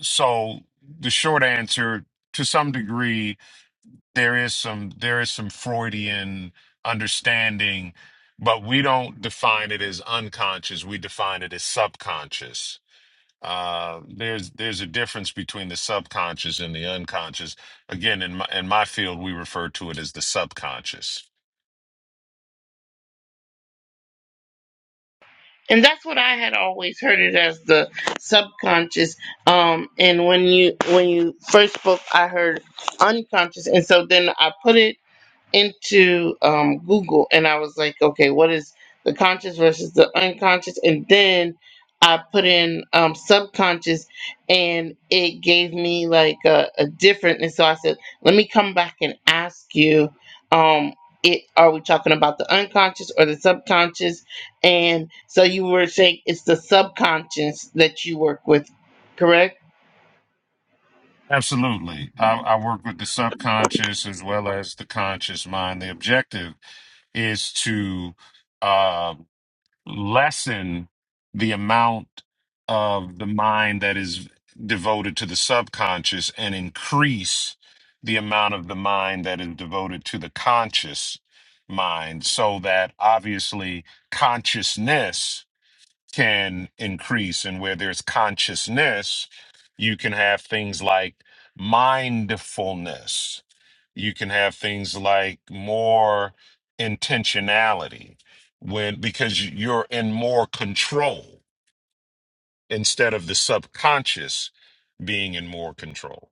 [SPEAKER 7] so the short answer, to some degree, there is some there is some Freudian understanding, but we don't define it as unconscious. We define it as subconscious uh, there's there's a difference between the subconscious and the unconscious. Again, in my in my field, we refer to it as the subconscious.
[SPEAKER 1] And that's what I had always heard it as the subconscious. Um, and when you when you first spoke, I heard unconscious, and so then I put it into um, Google and I was like, okay, what is the conscious versus the unconscious? And then I put in um, subconscious and it gave me like a, a different. And so I said, let me come back and ask you, um, it, are we talking about the unconscious or the subconscious? And so you were saying it's the subconscious that you work with, correct?
[SPEAKER 7] Absolutely, I, I work with the subconscious as well as the conscious mind. The objective is to lessen the amount of the mind that is devoted to the subconscious and increase the amount of the mind that is devoted to the conscious mind so that obviously consciousness can increase and where there's consciousness you can have things like mindfulness you can have things like more intentionality when because you're in more control instead of the subconscious being in more control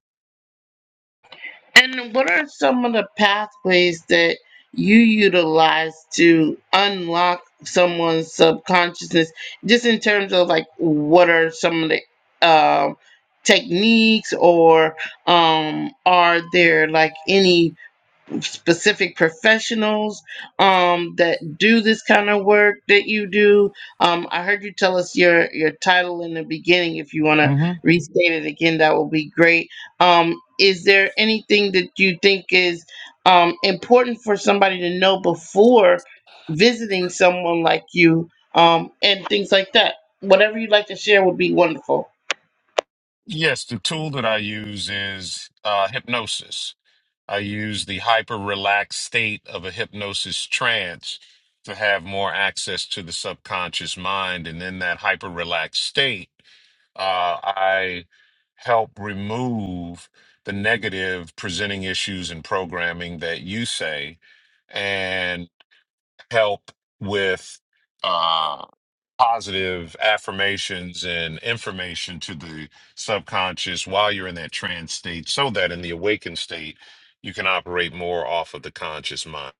[SPEAKER 1] And what are some of the pathways that you utilize to unlock someone's subconsciousness? Just in terms of like, what are some of the um, techniques, or um, are there like any specific professionals um, that do this kind of work that you do. Um, I heard you tell us your your title in the beginning. If you want to
[SPEAKER 7] hmm
[SPEAKER 1] restate it again, that will be great. Um, is there anything that you think is um, important for somebody to know before visiting someone like you um, and things like that? Whatever you'd like to share would be wonderful.
[SPEAKER 7] yes the tool that i use is uh, hypnosis I use the hyper relaxed state of a hypnosis trance to have more access to the subconscious mind. And in that hyper relaxed state, uh, I help remove the negative presenting issues and programming that you say and help with. uh, positive affirmations and information to the subconscious while you're in that trance state so that in the awakened state you can operate more off of the conscious mind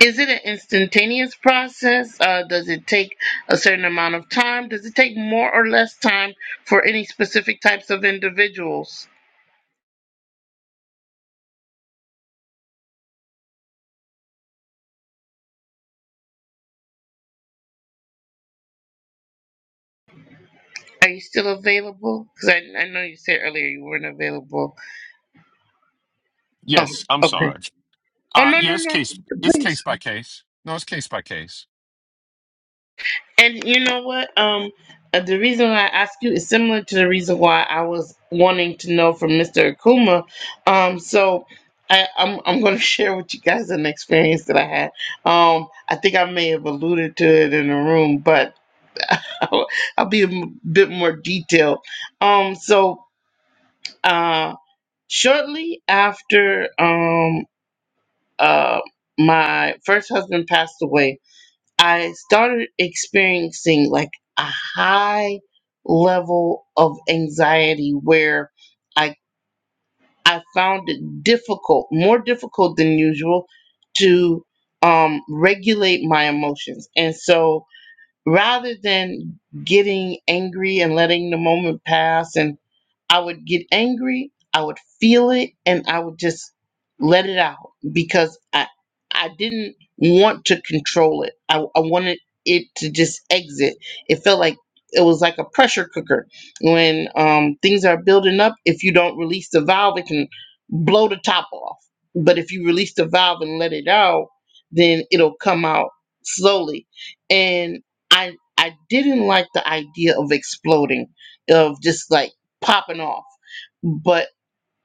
[SPEAKER 1] Is it an instantaneous process? Uh, does it take a certain amount of time? Does it take more or less time for any specific types of individuals? Are you still available? Because I, I know you said earlier you weren't available. Oh,
[SPEAKER 7] yes i'm
[SPEAKER 1] okay.
[SPEAKER 7] sorry
[SPEAKER 1] Oh,
[SPEAKER 7] uh
[SPEAKER 1] no, no,
[SPEAKER 7] yeah it's case
[SPEAKER 1] no.
[SPEAKER 7] it's
[SPEAKER 1] Please.
[SPEAKER 7] case by case no it's case by case
[SPEAKER 1] And you know what? Um, uh, the reason why I asked you is similar to the reason why I was wanting to know from Mr. Akuma. Um, so I, I'm I'm going to share with you guys an experience that I had. Um, I think I may have alluded to it in the room, but I'll, I'll be a m- bit more detailed. Um, so uh, shortly after um uh my first husband passed away I started experiencing like a high level of anxiety where I I found it difficult, more difficult than usual, to um, regulate my emotions. And so, rather than getting angry and letting the moment pass and. I would get angry, I would feel it, and I would just let it out because I I didn't want to control it. I, I wanted it to just exit. It felt like it was like a pressure cooker. When um, things are building up, if you don't release the valve, it can blow the top off. But if you release the valve and let it out, then it'll come out slowly. And I I didn't like the idea of exploding, of just like popping off but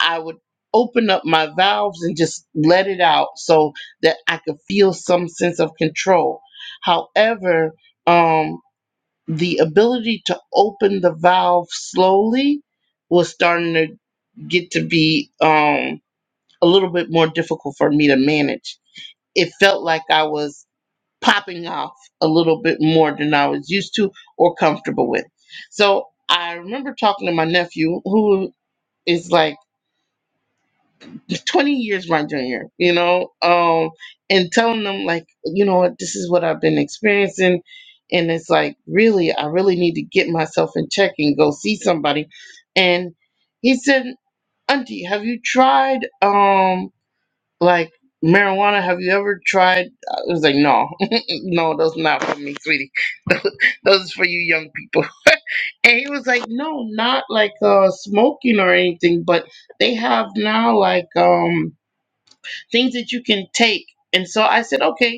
[SPEAKER 1] I would open up my valves and just let it out so that I could feel some sense of control. However, um, the ability to open the valve slowly was starting to get to be um, a little bit more difficult for me to manage. It felt like I was popping off a little bit more than I was used to or comfortable with. So I remember talking to my nephew, who is like 20 years my junior, you know, um, and telling them like, you know what, this is what I've been experiencing. And it's like, really, I really need to get myself in check and go see somebody. And he said, Auntie, have you tried um like marijuana? Have you ever tried? I was like, no, no, those not for me, sweetie. those is for you young people. And he was like, no, not like uh smoking or anything, but they have now like um things that you can take. And so I said, okay.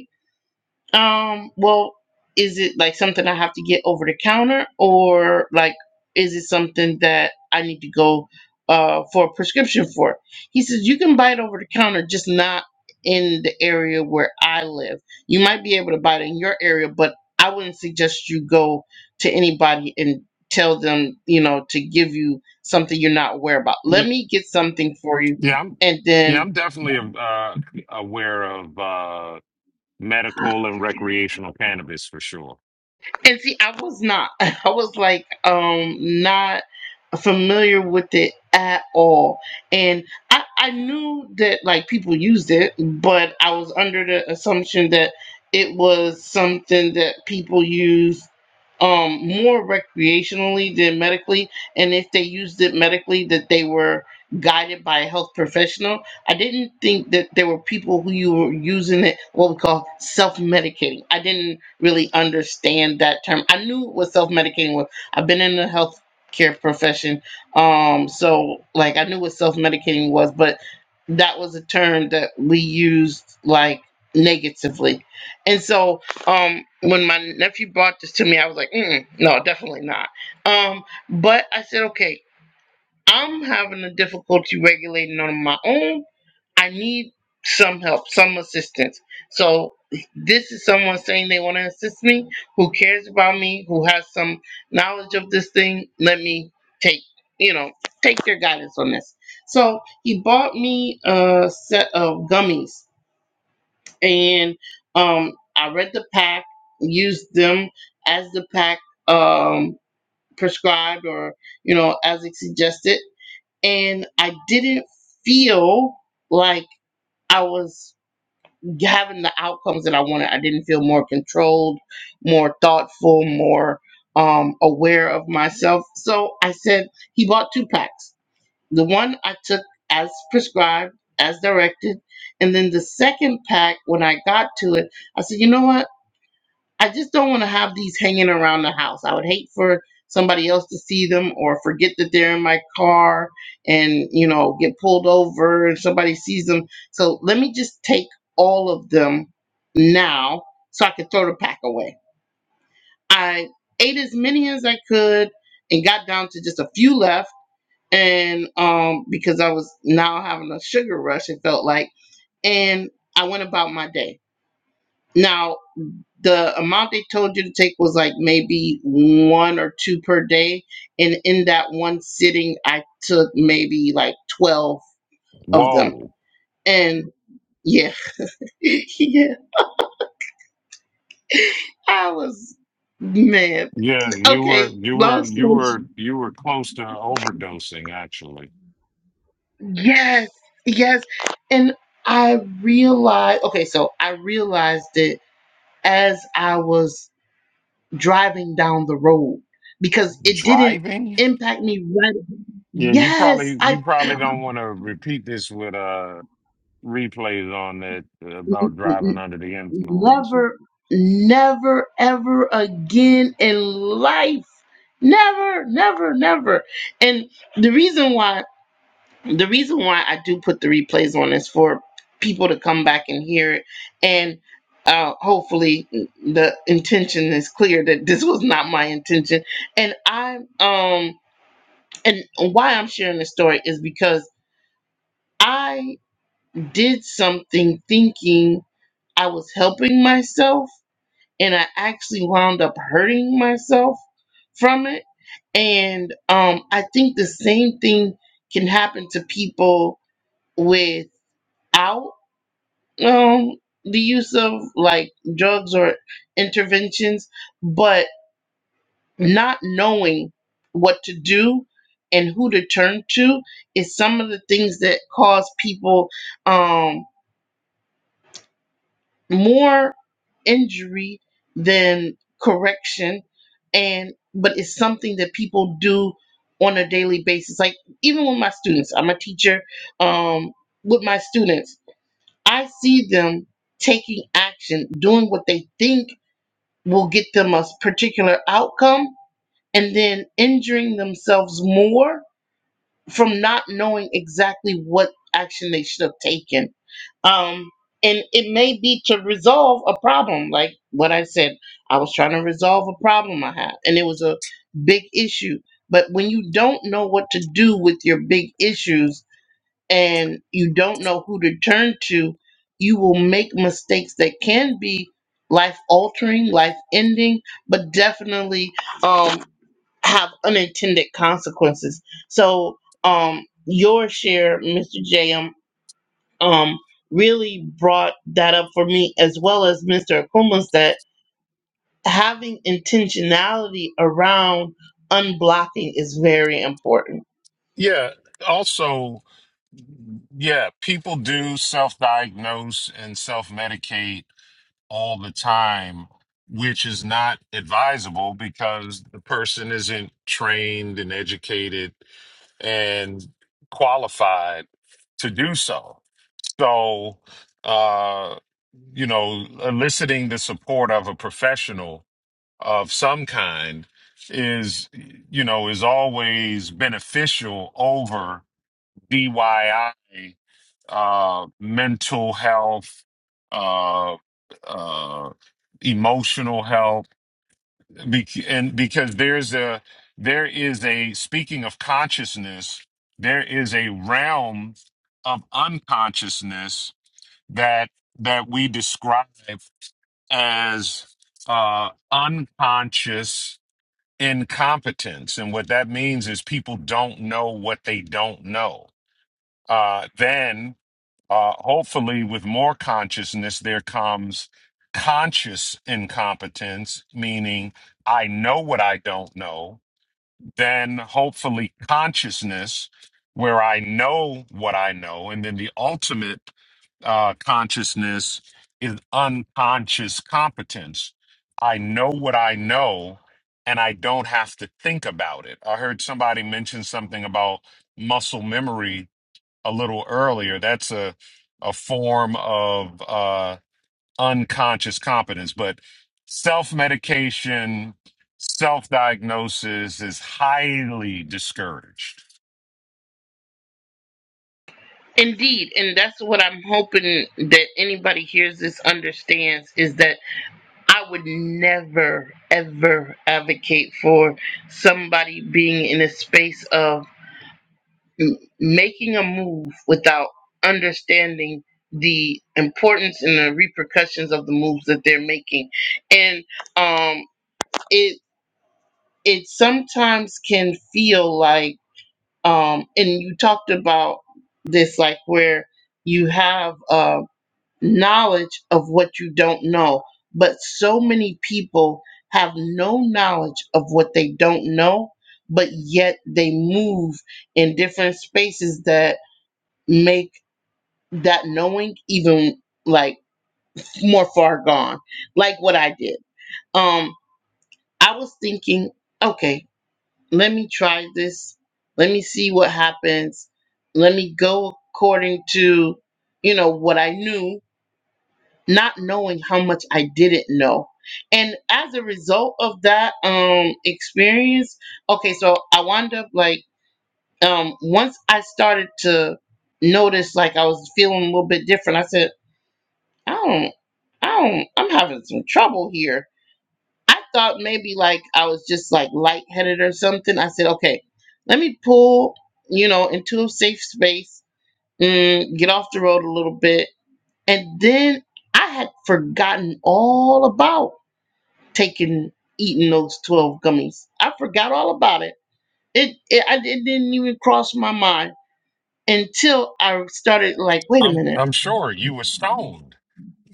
[SPEAKER 1] Um, well, is it like something I have to get over the counter or like is it something that I need to go uh for a prescription for? He says you can buy it over the counter, just not in the area where I live. You might be able to buy it in your area, but I wouldn't suggest you go to anybody and tell them, you know, to give you something you're not aware about.
[SPEAKER 7] yeah
[SPEAKER 1] Let me get something for you
[SPEAKER 7] yeah i'm
[SPEAKER 1] and then
[SPEAKER 7] yeah i'm definitely uh aware of uh medical and recreational cannabis for sure
[SPEAKER 1] And see, I was not. I was like, um, not familiar with it at all. And I, I knew that like people used it, but I was under the assumption that it was something that people used um more recreationally than medically. And if they used it medically, that they were guided by a health professional. I didn't think that there were people who you were using it what we call self medicating. I didn't really understand that term. I knew what self medicating was. I've been in the healthcare profession, um, so like I knew what self medicating was, but that was a term that we used like negatively. And so um, when my nephew brought this to me, I was like, mm, no, definitely not. Um, but I said, okay, I'm having a difficulty regulating on my own. I need some help, some assistance. So this is someone saying they want to assist me, who cares about me, who has some knowledge of this thing. Let me take, you know, take their guidance on this. So he bought me a set of gummies and um I read the pack, used them as the pack um prescribed or you know as it suggested and I didn't feel like I was having the outcomes that I wanted. I didn't feel more controlled, more thoughtful, more um, aware of myself. So I said, he bought two packs. The one I took as prescribed, as directed. And then the second pack, when I got to it, I said, you know what? I just don't want to have these hanging around the house. I would hate for somebody else to see them or forget that they're in my car and, you know, get pulled over and somebody sees them. So let me just take all of them now so I can throw the pack away. I ate as many as I could and got down to just a few left. And um, because I was now having a sugar rush, it felt like. And I went about my day. Now, the amount they told you to take was like maybe one or two per day and in that one sitting i took maybe like 12 of them
[SPEAKER 7] whoa
[SPEAKER 1] and yeah yeah i was man
[SPEAKER 7] yeah you
[SPEAKER 1] okay
[SPEAKER 7] were you were
[SPEAKER 1] long
[SPEAKER 7] you
[SPEAKER 1] story
[SPEAKER 7] were you were close to overdosing actually
[SPEAKER 1] yes yes and i realized okay so i realized it as i was driving down the road because it didn't
[SPEAKER 7] Driving?
[SPEAKER 1] impact me right
[SPEAKER 7] Yeah, you
[SPEAKER 1] yes
[SPEAKER 7] probably
[SPEAKER 1] i
[SPEAKER 7] you probably don't want to repeat this with uh replays on that
[SPEAKER 1] mm, mm,
[SPEAKER 7] about
[SPEAKER 1] mm, mm,
[SPEAKER 7] driving under the influence.
[SPEAKER 1] Never, never, ever again in life. Never, never, never. And the reason why the reason why I do put the replays on is for people to come back and hear it and uh, hopefully the intention is clear that this was not my intention and i um and why i'm sharing this story is because i did something thinking i was helping myself and I actually wound up hurting myself from it. And um, I think the same thing can happen to people without um, the use of like drugs or interventions, but not knowing what to do and who to turn to is some of the things that cause people um, more injury than correction and but it's something that people do on a daily basis like even with my students i'm a teacher um, with my students i see them taking action doing what they think will get them a particular outcome and then injuring themselves more from not knowing exactly what action they should have taken. Um, and it may be to resolve a problem, like what I said. I was trying to resolve a problem I had, and it was a big issue. But when you don't know what to do with your big issues and you don't know who to turn to, you will make mistakes that can be life altering, life ending, but definitely um have unintended consequences. So um your share, Mr. JM, um really brought that up for me as well as Mr. Akuma's that having intentionality around unblocking is very important.
[SPEAKER 7] Yeah. Also, yeah, people do self diagnose and self medicate all the time, which is not advisable because the person isn't trained and educated and qualified to do so. So, uh, you know, eliciting the support of a professional of some kind is, you know, is always beneficial over DIY uh, mental health, uh, uh, emotional health Bec and because there's a there is a speaking of consciousness there is a realm of unconsciousness that that we describe as uh unconscious incompetence and what that means is people don't know what they don't know uh then uh, hopefully, with more consciousness, there comes conscious incompetence, meaning I know what I don't know. Then, hopefully, consciousness, where I know what I know. And then the ultimate uh, consciousness is unconscious competence. I know what I know and I don't have to think about it. I heard somebody mention something about muscle memory a little earlier, that's a a form of uh, unconscious competence. But self medication, self diagnosis is highly discouraged.
[SPEAKER 1] Indeed, and that's what I'm hoping that anybody hears this understands is that I would never ever advocate for somebody being in a space of m- making a move without understanding the importance and the repercussions of the moves that they're making and um it it sometimes can feel like um and you talked about this like where you have uh knowledge of what you don't know but so many people have no knowledge of what they don't know but yet they move in different spaces that make that knowing even like more far gone like what i did um i was thinking okay let me try this let me see what happens let me go according to you know what i knew not knowing how much i didn't know and as a result of that um experience okay so i wound up like um once i started to notice like i was feeling a little bit different i said I don't, I don't, I'm having some trouble here. I thought maybe like I was just like lightheaded or something. I said, okay, let me pull, you know, into a safe space, mm, get off the road a little bit. And then I had forgotten all about taking, eating those 12 gummies. I forgot all about it. It, it, I, it didn't even cross my mind until I started like, wait a
[SPEAKER 7] I'm
[SPEAKER 1] minute.
[SPEAKER 7] I'm sure you were stoned.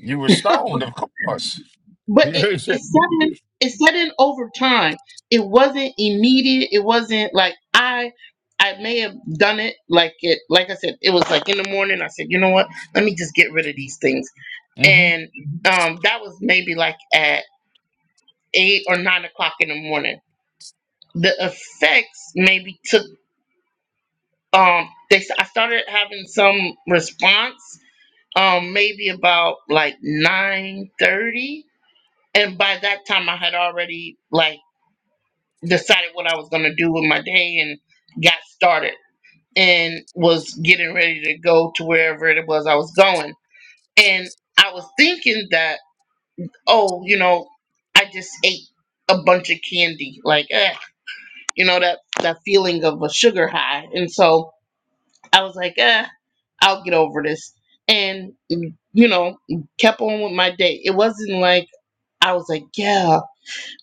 [SPEAKER 7] You were stoned, of course.
[SPEAKER 1] but
[SPEAKER 7] hmm
[SPEAKER 1] it it's sudden it's in over time. It wasn't immediate. It wasn't like I I may have done it like it like I said, it was like in the morning I said, you know what, let me just get rid of these things.
[SPEAKER 7] Yeah,
[SPEAKER 1] And um that was maybe like at eight or nine o'clock in the morning. The effects maybe took um they I started having some response um maybe about like nine thirty and by that time I had already like decided what I was going to do with my day and got started and was getting ready to go to wherever it was I was going. And I was thinking that, oh, you know, I just ate a bunch of candy, like, eh, you know, that, that feeling of a sugar high. And so I was like, eh, I'll get over this. And, you know, kept on with my day. It wasn't like I was like, yeah.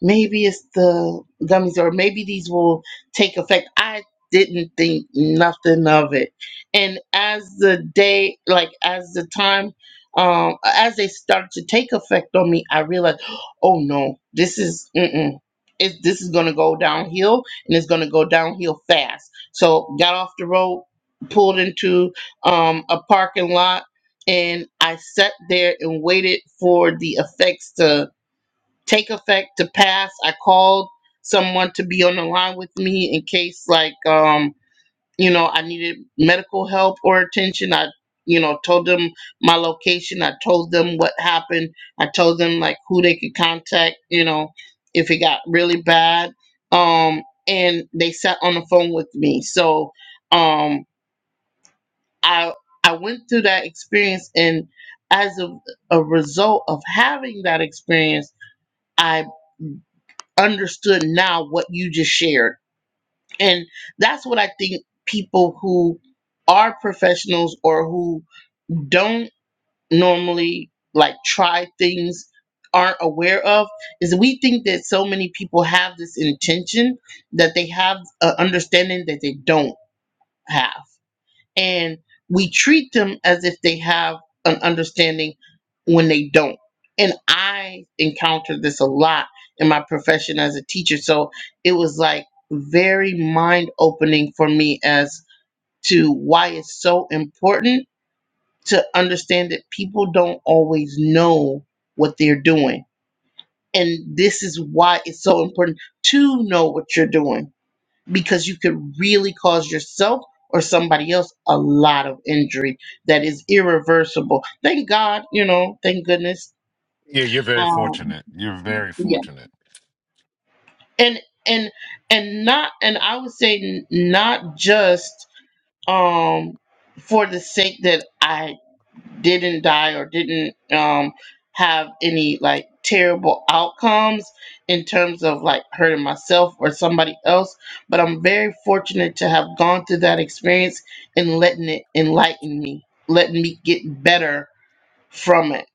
[SPEAKER 1] maybe it's the gummies or maybe these will take effect i didn't think nothing of it and as the day like as the time um as they start to take effect on me i realized oh no this is mm-mm. It, this is going to go downhill and it's going to go downhill fast so got off the road pulled into um, a parking lot and i sat there and waited for the effects to take effect to pass. I called someone to be on the line with me in case like um you know I needed medical help or attention. I you know told them my location. I told them what happened. I told them like who they could contact, you know, if it got really bad. Um and they sat on the phone with me. So um I I went through that experience and as a, a result of having that experience I understood now what you just shared. And that's what I think people who are professionals or who don't normally like try things aren't aware of is we think that so many people have this intention that they have an understanding that they don't have and we treat them as if they have an understanding when they don't. And I encountered this a lot in my profession as a teacher. So it was like very mind opening for me as to why it's so important to understand that people don't always know what they're doing. And this is why it's so important to know what you're doing because you could really cause yourself or somebody else a lot of injury that is irreversible. Thank God, you know, thank goodness.
[SPEAKER 7] you're very
[SPEAKER 1] Um,
[SPEAKER 7] fortunate. You're very
[SPEAKER 1] yeah,
[SPEAKER 7] fortunate.
[SPEAKER 1] and and and not and I would say n- not just um for the sake that I didn't die or didn't um, have any like terrible outcomes in terms of like hurting myself or somebody else. But I'm very fortunate to have gone through that experience and letting it enlighten me, letting me get better from it.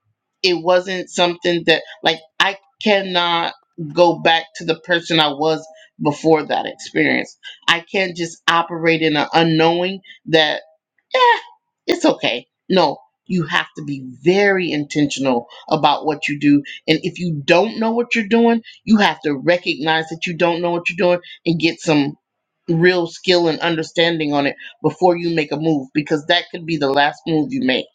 [SPEAKER 1] It wasn't something that like I cannot go back to the person I was before that experience. I can't just operate in an unknowing that eh, it's okay. No, you have to be very intentional about what you do. And if you don't know what you're doing, you have to recognize that you don't know what you're doing and get some real skill and understanding on it before you make a move because that could be the last move you make.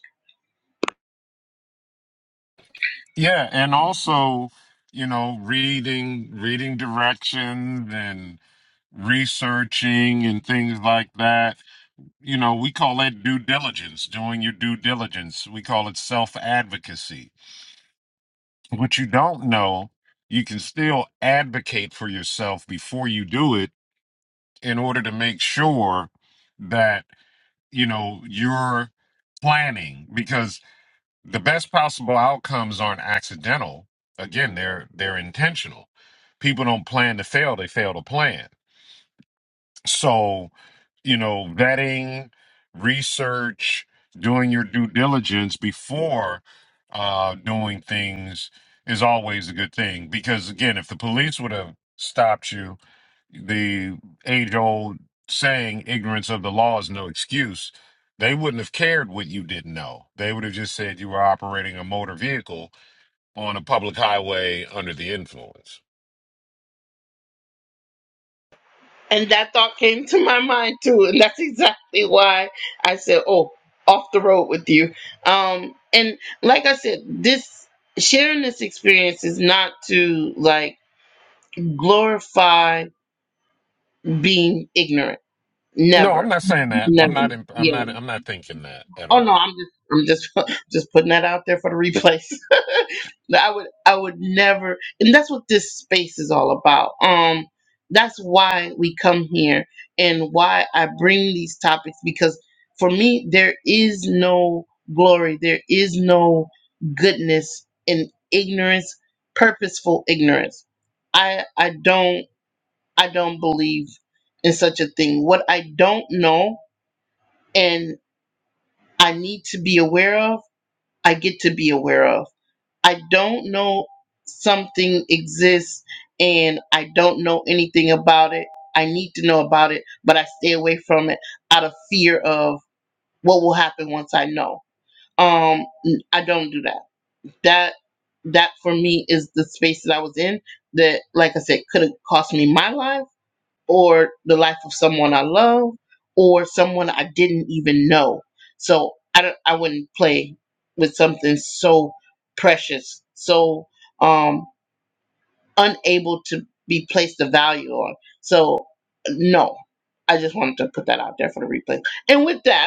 [SPEAKER 7] Yeah, and also, you know, reading reading directions and researching and things like that you know, we call that due diligence, doing your due diligence. We call it self advocacy. What you don't know, you can still advocate for yourself before you do it in order to make sure that, you know, you're planning because the best possible outcomes aren't accidental. Again, they're they're intentional. People don't plan to fail, they fail to plan. So, you know, vetting, research, doing your due diligence before uh, doing things is always a good thing. Because again, if the police would have stopped you, the age old saying, ignorance of the law is no excuse, they wouldn't have cared what you didn't know. They would have just said you were operating a motor vehicle on a public highway under the influence.
[SPEAKER 1] And that thought came to my mind too. And that's exactly why I said, oh, off the road with you. Um, and like I said, this sharing this experience is not to like, glorify being ignorant.
[SPEAKER 7] No, I'm
[SPEAKER 1] Never,
[SPEAKER 7] not saying that. I'm
[SPEAKER 1] never.
[SPEAKER 7] not. imp- I'm
[SPEAKER 1] Yeah.
[SPEAKER 7] not. I'm not thinking that at
[SPEAKER 1] Oh
[SPEAKER 7] all.
[SPEAKER 1] no, I'm just, I'm just, just putting that out there for the replays. That I would, I would never, and that's what this space is all about. Um, that's why we come here and why I bring these topics because for me there is no glory, there is no goodness in ignorance, purposeful ignorance. I, I don't. I don't believe in such a thing. What I don't know and I need to be aware of, I get to be aware of. I don't know something exists and I don't know anything about it. I need to know about it, but I stay away from it out of fear of what will happen once I know. Um n- I don't do that. That that for me is the space that I was in that like I said could have cost me my life or the life of someone I love or someone I didn't even know. So I don't, I wouldn't play with something so precious, so um unable to be placed a value on. So no. I just wanted to put that out there for the replay. And with that,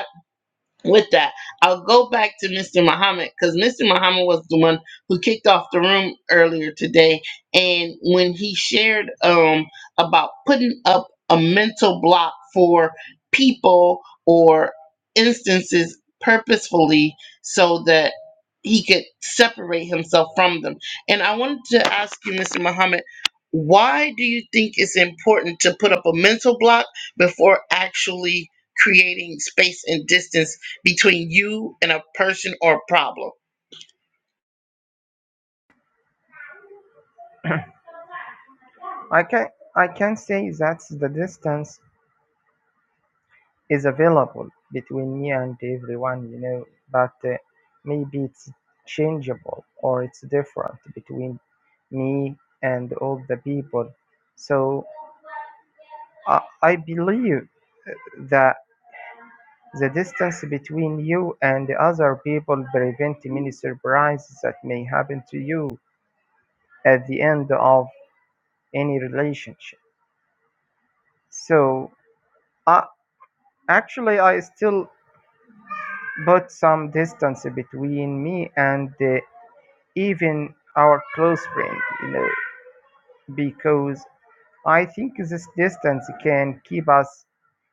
[SPEAKER 1] with that, I'll go back to Mr. Muhammad because Mr. Muhammad was the one who kicked off the room earlier today. And when he shared um, about putting up a mental block for people or instances purposefully so that he could separate himself from them. And I wanted to ask you, Mr. Muhammad, why do you think it's important to put up a mental block before actually creating space and distance? between you and a person or a problem.
[SPEAKER 2] I can I can say that the distance is available between me and everyone. You know, but uh, maybe it's changeable or it's different between me and all the people. So I, I believe that The distance between you and other people prevents many surprises that may happen to you at the end of any relationship. So, I actually, I still put some distance between me and uh, even our close friend, you know, because I think this distance can keep us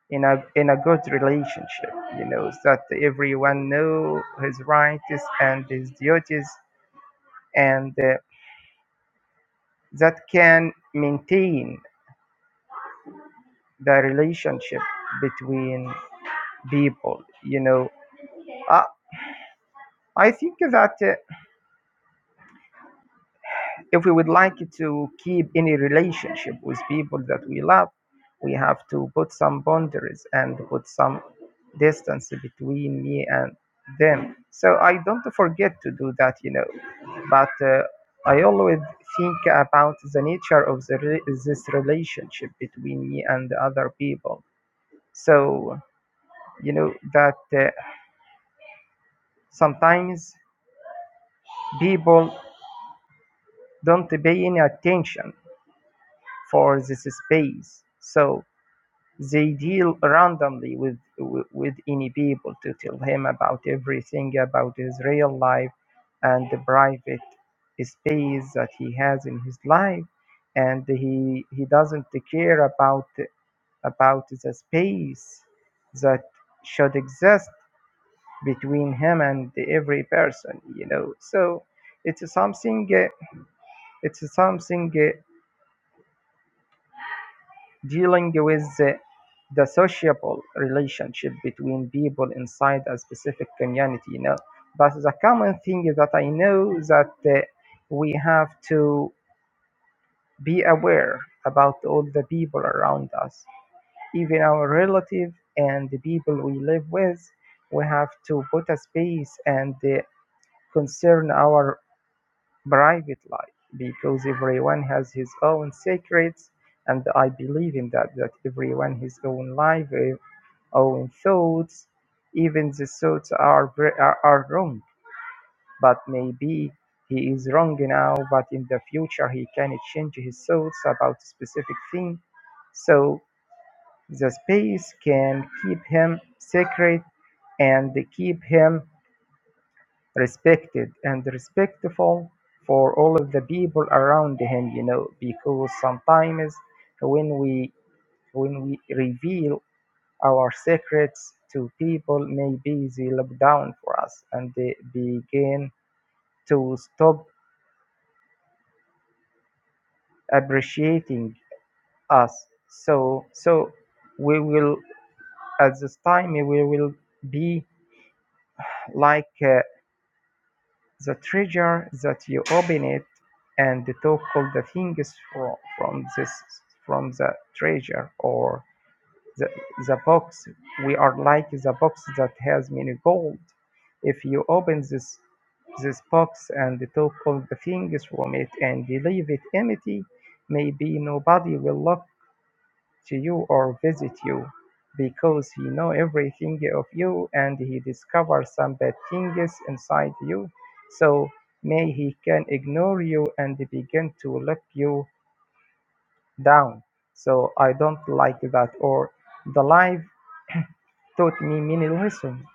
[SPEAKER 2] in a in a good relationship. You know, so that everyone know his rights and his duties and. Uh, that can maintain the relationship between people you know i, I think that uh, if we would like to keep any relationship with people that we love we have to put some boundaries and put some distance between me and them so i don't forget to do that you know but uh, i always think about the nature of the re- this relationship between me and other people so you know that uh, sometimes people don't pay any attention for this space so they deal randomly with with with any people to tell him about everything about his real life and the private space that he has in his life and he he doesn't care about about the space that should exist between him and every person you know so it's something uh, it's something uh, dealing with uh, the sociable relationship between people inside a specific community you know but the common thing is that i know that uh, we have to be aware about all the people around us even our relative and the people we live with we have to put a space and uh, concern our private life because everyone has his own secrets and i believe in that that everyone his own life eh, own thoughts even the thoughts are, ver- are are wrong but maybe he is wrong now but in the future he can change his thoughts about a specific thing so the space can keep him secret and keep him respected and respectful for all of the people around him you know because sometimes when we when we reveal our secrets to people maybe they look down for us and they begin to stop appreciating us so so we will at this time we will be like uh, The treasure that you open it and took all the things from, from this from the treasure or the, the box we are like the box that has many gold if you open this this box and took all the things from it and leave it empty maybe nobody will look to you or visit you because he know everything of you and he discovers some bad things inside you so may he can ignore you and begin to let you down so i don't like that or the life taught me many lessons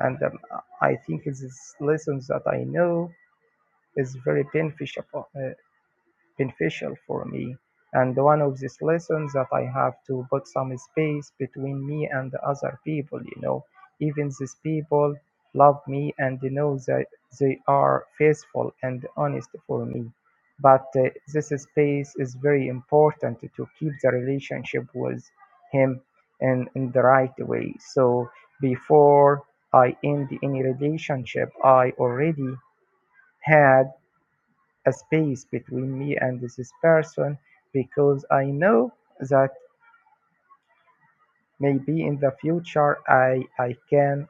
[SPEAKER 2] and um, i think these lessons that i know is very beneficial uh, beneficial for me. And one of these lessons that I have to put some space between me and the other people, you know. Even these people love me and they know that they are faithful and honest for me. But uh, this space is very important to keep the relationship with him in, in the right way. So before I end any relationship I already had a space between me and this person because I know that maybe in the future I, I can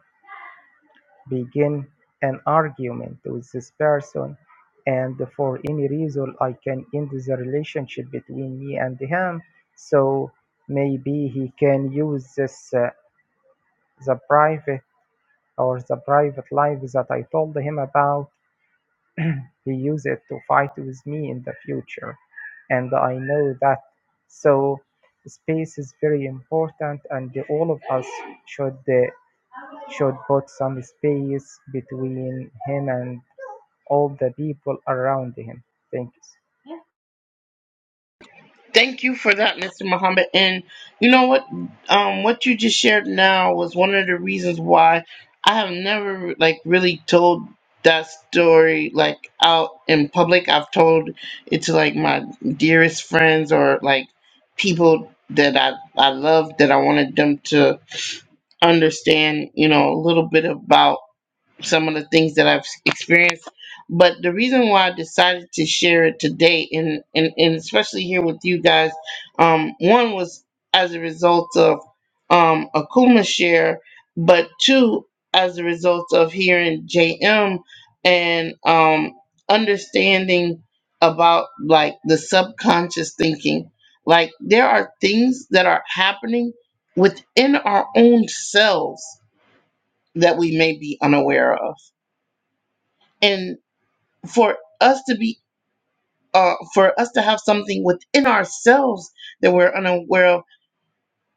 [SPEAKER 2] begin an argument with this person and for any reason I can end the relationship between me and him so maybe he can use this uh, the private or the private life that I told him about He used it to fight with me in the future, and I know that. So, space is very important, and all of us should uh, should put some space between him and all the people around him. Thank you.
[SPEAKER 1] Thank you for that, Mr. Muhammad. And you know what? Um, what you just shared now was one of the reasons why I have never like really told that story like out in public. I've told it to like my dearest friends or like people that I I love that I wanted them to understand. You know a little bit about some of the things that I've experienced. But the reason why I decided to share it today, and and, and especially here with you guys, um, one was as a result of um, Akuma share, but two as a result of hearing JM and um, understanding about like the subconscious thinking. Like there are things that are happening within our own selves that we may be unaware of and for us to be uh, for us to have something within ourselves that we're unaware of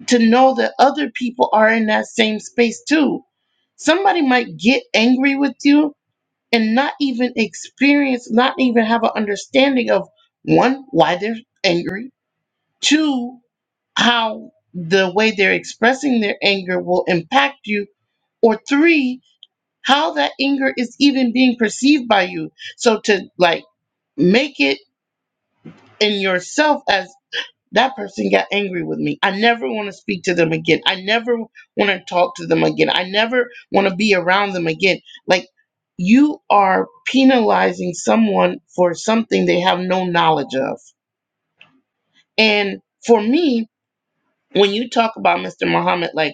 [SPEAKER 1] to know that other people are in that same space too somebody might get angry with you and not even experience not even have an understanding of one why they're angry two how the way they're expressing their anger will impact you or three how that anger is even being perceived by you so to like make it in yourself as that person got angry with me. I never want to speak to them again. I never want to talk to them again. I never want to be around them again. Like you are penalizing someone for something they have no knowledge of. And for me, when you talk about Mr. Muhammad, like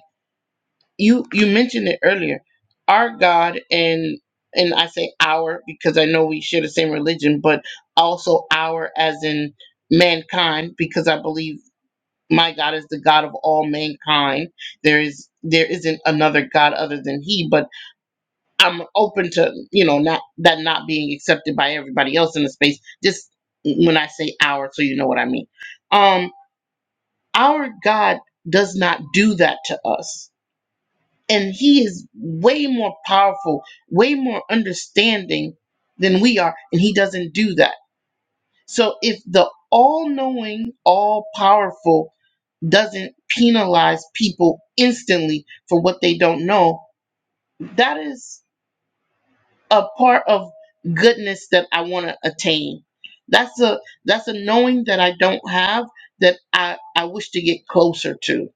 [SPEAKER 1] you you mentioned it earlier, our God and and I say our because I know we share the same religion, but also our as in mankind because I believe my God is the God of all mankind. There is there isn't another God other than He. But I'm open to you know not that not being accepted by everybody else in the space. Just when I say our, so you know what I mean. Um, our God does not do that to us, and He is way more powerful, way more understanding than we are, and He doesn't do that. So if the all knowing, all powerful doesn't penalize people instantly for what they don't know, that is a part of goodness that I want to attain. That's a that's a knowing that I don't have that I, I wish to get closer to.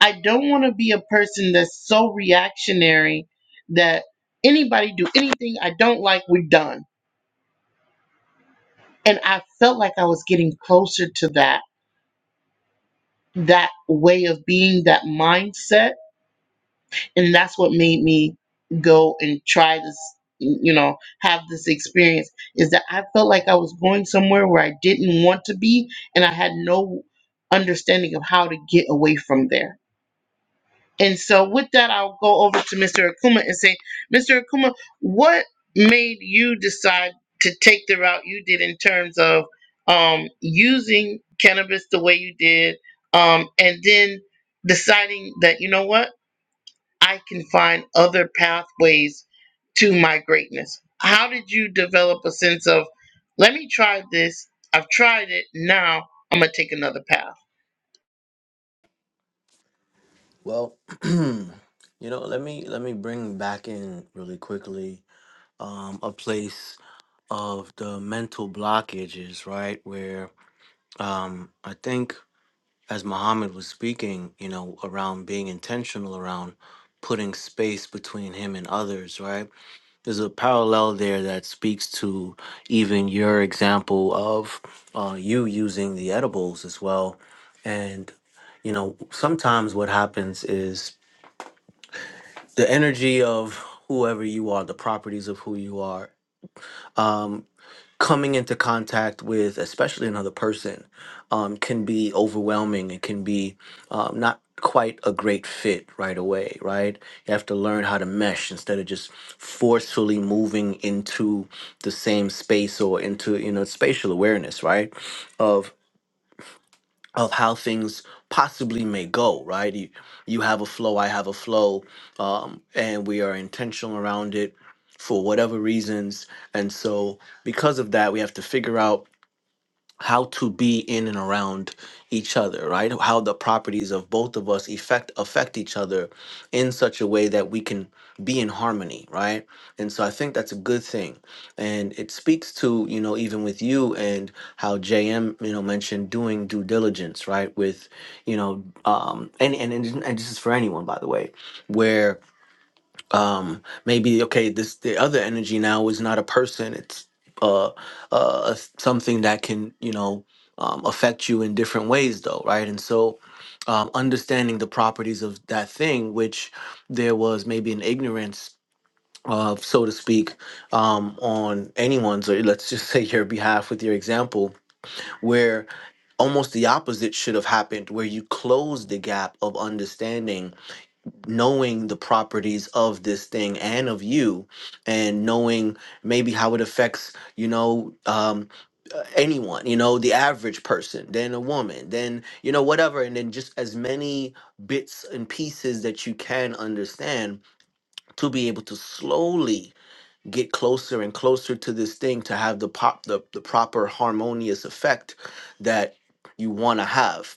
[SPEAKER 1] I don't want to be a person that's so reactionary that anybody do anything I don't like, we're done. And I felt like I was getting closer to that that way of being, that mindset and that's what made me go and try this you know have this experience is that i felt like i was going somewhere where i didn't want to be and i had no understanding of how to get away from there and so with that i'll go over to mr akuma and say mr akuma what made you decide to take the route you did in terms of um, using cannabis the way you did um, and then deciding that you know what I can find other pathways to my greatness. How did you develop a sense of, let me try this? I've tried it. Now I'm going to take another path.
[SPEAKER 4] well you know let me let me bring back in really quickly um, a place of the mental blockages right where um, i think as muhammad was speaking you know around being intentional around putting space between him and others right there's a parallel there that speaks to even your example of uh, you using the edibles as well. And, you know, sometimes what happens is the energy of whoever you are, the properties of who you are. Um, coming into contact with, especially another person, um, can be overwhelming. It can be um, not quite a great fit right away, right? You have to learn how to mesh instead of just forcefully moving into the same space or into, you know, spatial awareness, right? of how things possibly may go right you, you have a flow i have a flow um, and we are intentional around it for whatever reasons and so because of that we have to figure out how to be in and around each other, right? How the properties of both of us affect affect each other in such a way that we can be in harmony, right? And so I think that's a good thing. And it speaks to, you know, even with you and how JM, you know, mentioned doing due diligence, right? With, you know, um and and and, and this is for anyone by the way, where um maybe okay this the other energy now is not a person it's uh uh something that can you know um, affect you in different ways though right and so um understanding the properties of that thing which there was maybe an ignorance of so to speak um on anyone's or let's just say your behalf with your example where almost the opposite should have happened where you close the gap of understanding knowing the properties of this thing and of you and knowing maybe how it affects you know um uh, anyone you know the average person then a woman then you know whatever and then just as many bits and pieces that you can understand to be able to slowly get closer and closer to this thing to have the pop the, the proper harmonious effect that you want to have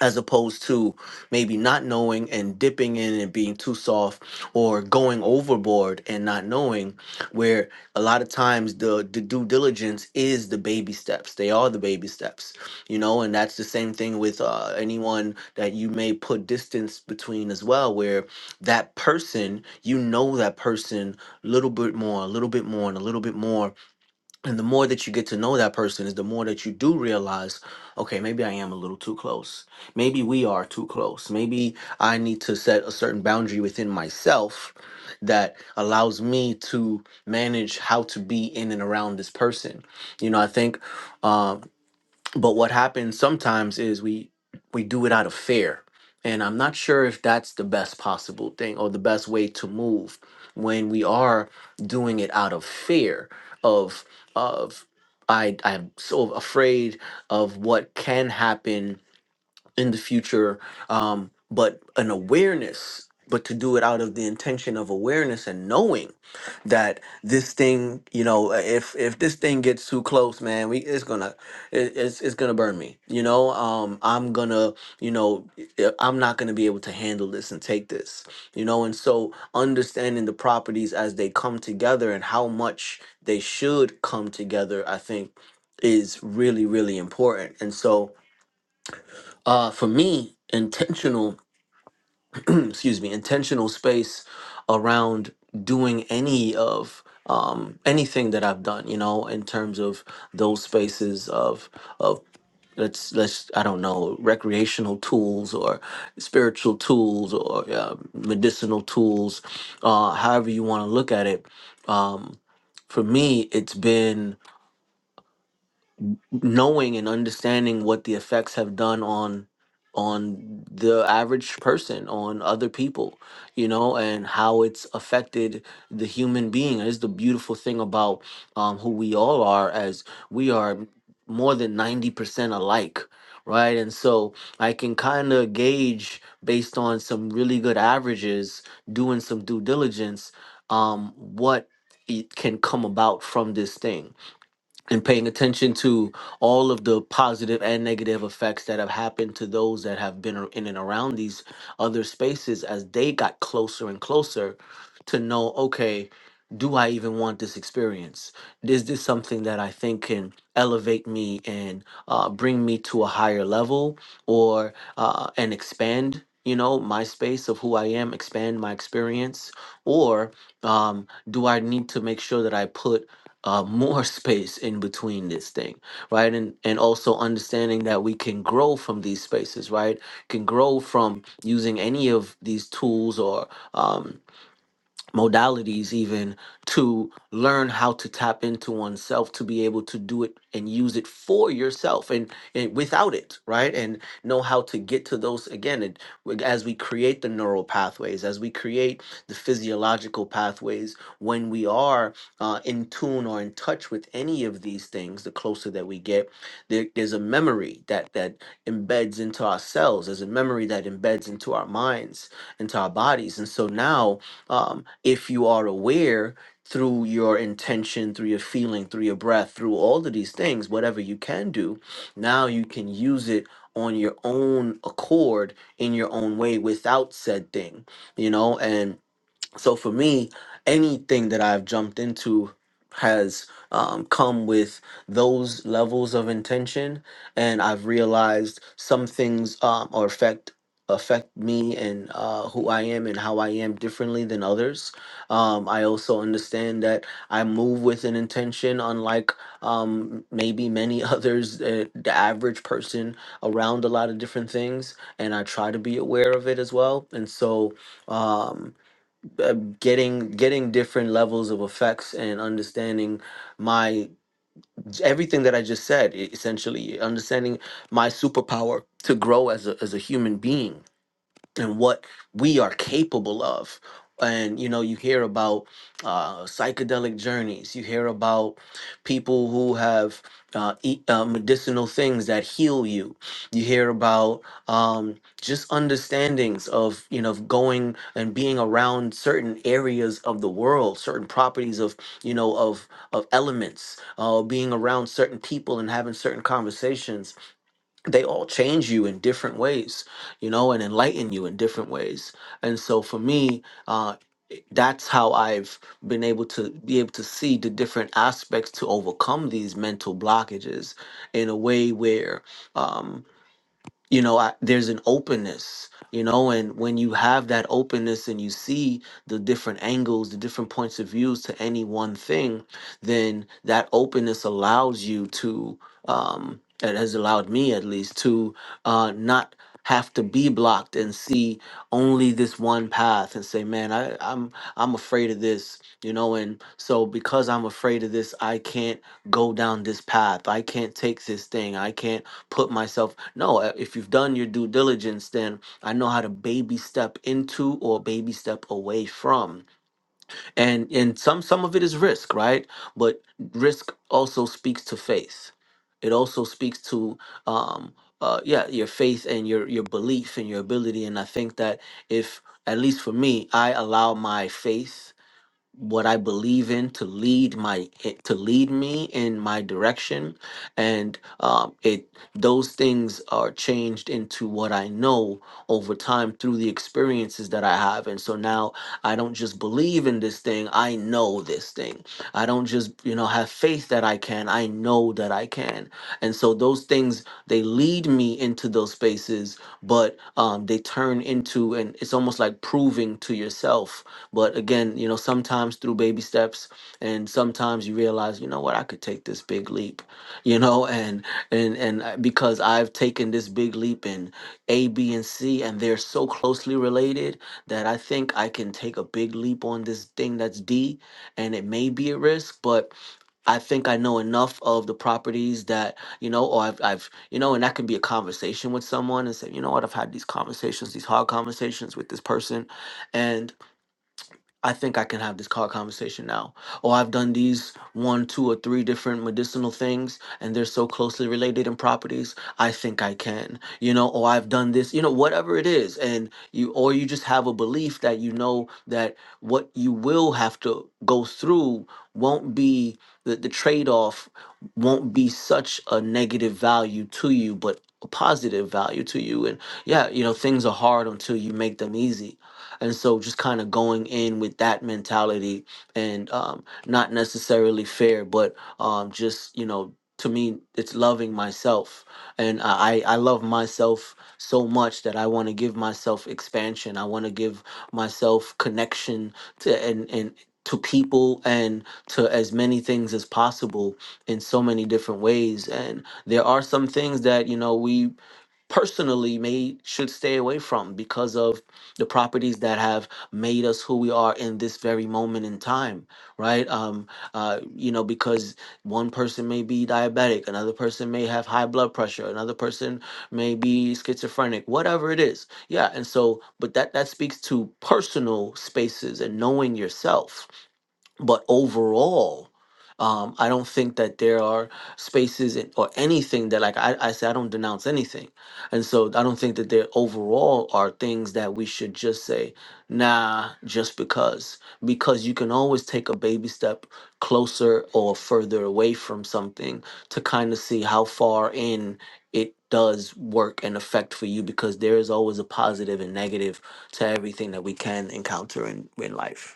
[SPEAKER 4] as opposed to maybe not knowing and dipping in and being too soft or going overboard and not knowing where a lot of times the, the due diligence is the baby steps they are the baby steps you know and that's the same thing with uh, anyone that you may put distance between as well where that person you know that person a little bit more a little bit more and a little bit more and the more that you get to know that person is the more that you do realize, okay, maybe I am a little too close. Maybe we are too close. Maybe I need to set a certain boundary within myself that allows me to manage how to be in and around this person. You know, I think um but what happens sometimes is we we do it out of fear and i'm not sure if that's the best possible thing or the best way to move when we are doing it out of fear of of i i'm so afraid of what can happen in the future um but an awareness but to do it out of the intention of awareness and knowing that this thing you know uh, if if this thing gets too close man we it's gonna it, it's, it's gonna burn me you know um i'm gonna you know uh, i'm not gonna be able to handle this and take this you know and so understanding the properties as they come together and how much they should come together i think is really really important and so uh, for me, intentional, excuse me, intentional space around doing any of um, anything that I've done, you know, in terms of those spaces of of let's let's I don't know recreational tools or spiritual tools or uh, medicinal tools, uh, however you want to look at it. Um, for me, it's been knowing and understanding what the effects have done on on the average person on other people you know and how it's affected the human being is the beautiful thing about um, who we all are as we are more than 90% alike right and so i can kind of gauge based on some really good averages doing some due diligence um, what it can come about from this thing and paying attention to all of the positive and negative effects that have happened to those that have been ar- in and around these other spaces as they got closer and closer to know okay do i even want this experience is this something that i think can elevate me and uh, bring me to a higher level or uh, and expand you know my space of who i am expand my experience or um, do i need to make sure that i put uh, more space in between this thing, right? And and also understanding that we can grow from these spaces, right? Can grow from using any of these tools or um, modalities even to learn how to tap into oneself to be able to do it and use it for yourself and, and without it right and know how to get to those again and w- as we create the neural pathways as we create the physiological pathways when we are uh, in tune or in touch with any of these things the closer that we get there, there's a memory that that embeds into our cells there's a memory that embeds into our minds into our bodies and so now um, if you are aware through your intention through your feeling through your breath through all of these things whatever you can do now you can use it on your own accord in your own way without said thing you know and so for me anything that i've jumped into has um, come with those levels of intention and i've realized some things um, or affect affect me and uh, who i am and how i am differently than others um, i also understand that i move with an intention unlike um, maybe many others uh, the average person around a lot of different things and i try to be aware of it as well and so um, uh, getting getting different levels of effects and understanding my everything that I just said e- essentially understanding my superpower to grow as a as a human being and what we are capable of. And you know, you hear about uh, psychedelic journeys. You hear about people who have uh, eat, uh, medicinal things that heal you. You hear about um, just understandings of you know of going and being around certain areas of the world, certain properties of you know of of elements, uh, being around certain people and having certain conversations they all change you in different ways, you know, and enlighten you in different ways. And so for me, uh, that's how I've been able to be able to see the different aspects to overcome these mental blockages in a way where um, you know I, there's an openness you know and when you have that openness and you see the different angles the different points of views to any one thing then that openness allows you to um it has allowed me at least to uh not have to be blocked and see only this one path and say man I, i'm i'm afraid of this you know and so because i'm afraid of this i can't go down this path i can't take this thing i can't put myself no uh, if you've done your due diligence then i know how to baby step into or baby step away from and and some some of it is risk right but risk also speaks to faith it also speaks to um uh yeah your faith and your your belief and your ability and i think that if at least for me i allow my faith what I believe in to lead my to lead me in my direction, and um, it those things are changed into what I know over time through the experiences that I have, and so now I don't just believe in this thing, I know this thing. I don't just, you know, have faith that I can, I know that I can. And so those things, they lead me into those spaces, but um, they turn into, and it's almost like proving to yourself. But again, you know, sometimes through baby steps, and sometimes you realize, you know what, I could take this big leap, you know, and and and I- because I've taken this big leap in A, B, and C, and they're so closely related that I think I can take a big leap on this thing that's D and it may be a risk, but I think I know enough of the properties that, you know, or I've, I've you know, and that can be a conversation with someone and say, you know what, I've had these conversations, these hard conversations with this person. and. I think I can have this car conversation now. Oh, I've done these one, two, or three different medicinal things, and they're so closely related in properties. I think I can, you know. Or I've done this, you know, whatever it is, and you, or you just have a belief that you know that what you will have to go through won't be the, the trade off, won't be such a negative value to you, but a positive value to you. And yeah, you know, things are hard until you make them easy and so just kind of going in with that mentality and um, not necessarily fair but um, just you know to me it's loving myself and i i I love myself so much that i want to give myself expansion i want to give myself connection to and and to people and to as many things as possible in so many different ways and there are some things that you know we personally may should stay away from because of the properties that have made us who we are in this very moment in time right um uh you know because one person may be diabetic another person may have high blood pressure another person may be schizophrenic whatever it is yeah and so but that that speaks to personal spaces and knowing yourself but overall um, i don't think that there are spaces in, or anything that like I, I say i don't denounce anything and so i don't think that there overall are things that we should just say nah just because because you can always take a baby step closer or further away from something to kind of see how far in it does work and affect for you because there is always a positive and negative to everything that we can encounter in, in life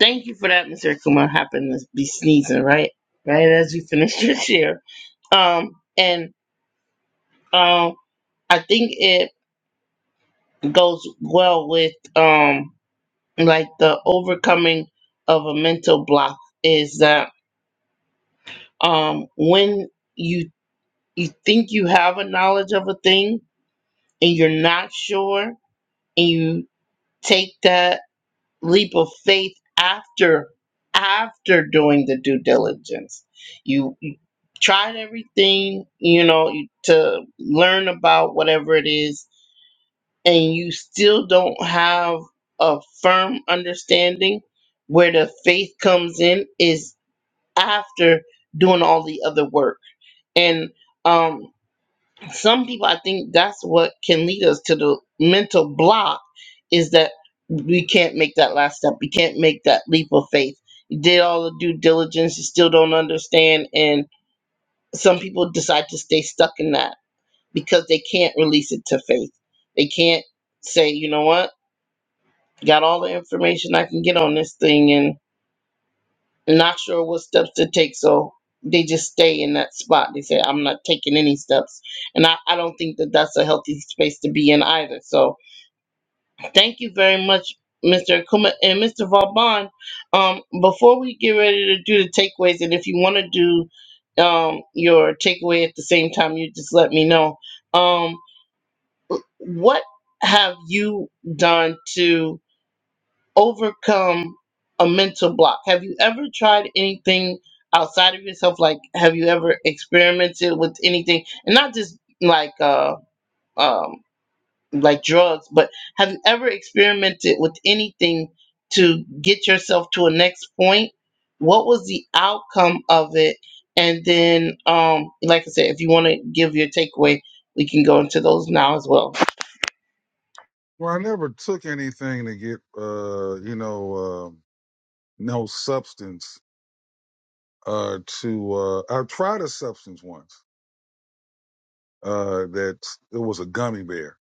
[SPEAKER 1] Thank you for that, Mr. Akuma. I happen to be sneezing, right? Right as you finish your share. Um, and um, I think it goes well with um, like the overcoming of a mental block is that um, when you you think you have a knowledge of a thing and you're not sure and you take that leap of faith after after doing the due diligence you, you tried everything you know you- to learn about whatever it is and you still don't have a firm understanding where the faith comes in is after doing all the other work and um. some people i think that's what can lead us to the mental block is that we can't make that last step we can't make that leap of faith you did all the due diligence you still don't understand and some people decide to stay stuck in that because they can't release it to faith they can't say you know what got all the information i can get on this thing and. Not sure what steps to take, so they just stay in that spot. They say, I'm not taking any steps. And I, I don't think that that's a healthy space to be in either. So thank you very much, Mr. Akuma and Mr. Vauban. Um, before we get ready to do the takeaways, and if you want to do um, your takeaway at the same time, you just let me know. Um, what have you done to? overcome a mental block? Have you ever tried anything outside of yourself? Like, have you ever experimented with anything, and not just like uh, um, like drugs, but have you ever experimented with anything to get yourself to a next point? What was the outcome of it? And then, um, like I said, if you want to give your takeaway, we can go into those now as well.
[SPEAKER 6] Well, I never took anything to get, uh, you know, uh, no substance uh, to. Uh, I tried a substance once uh, that it was a gummy bear.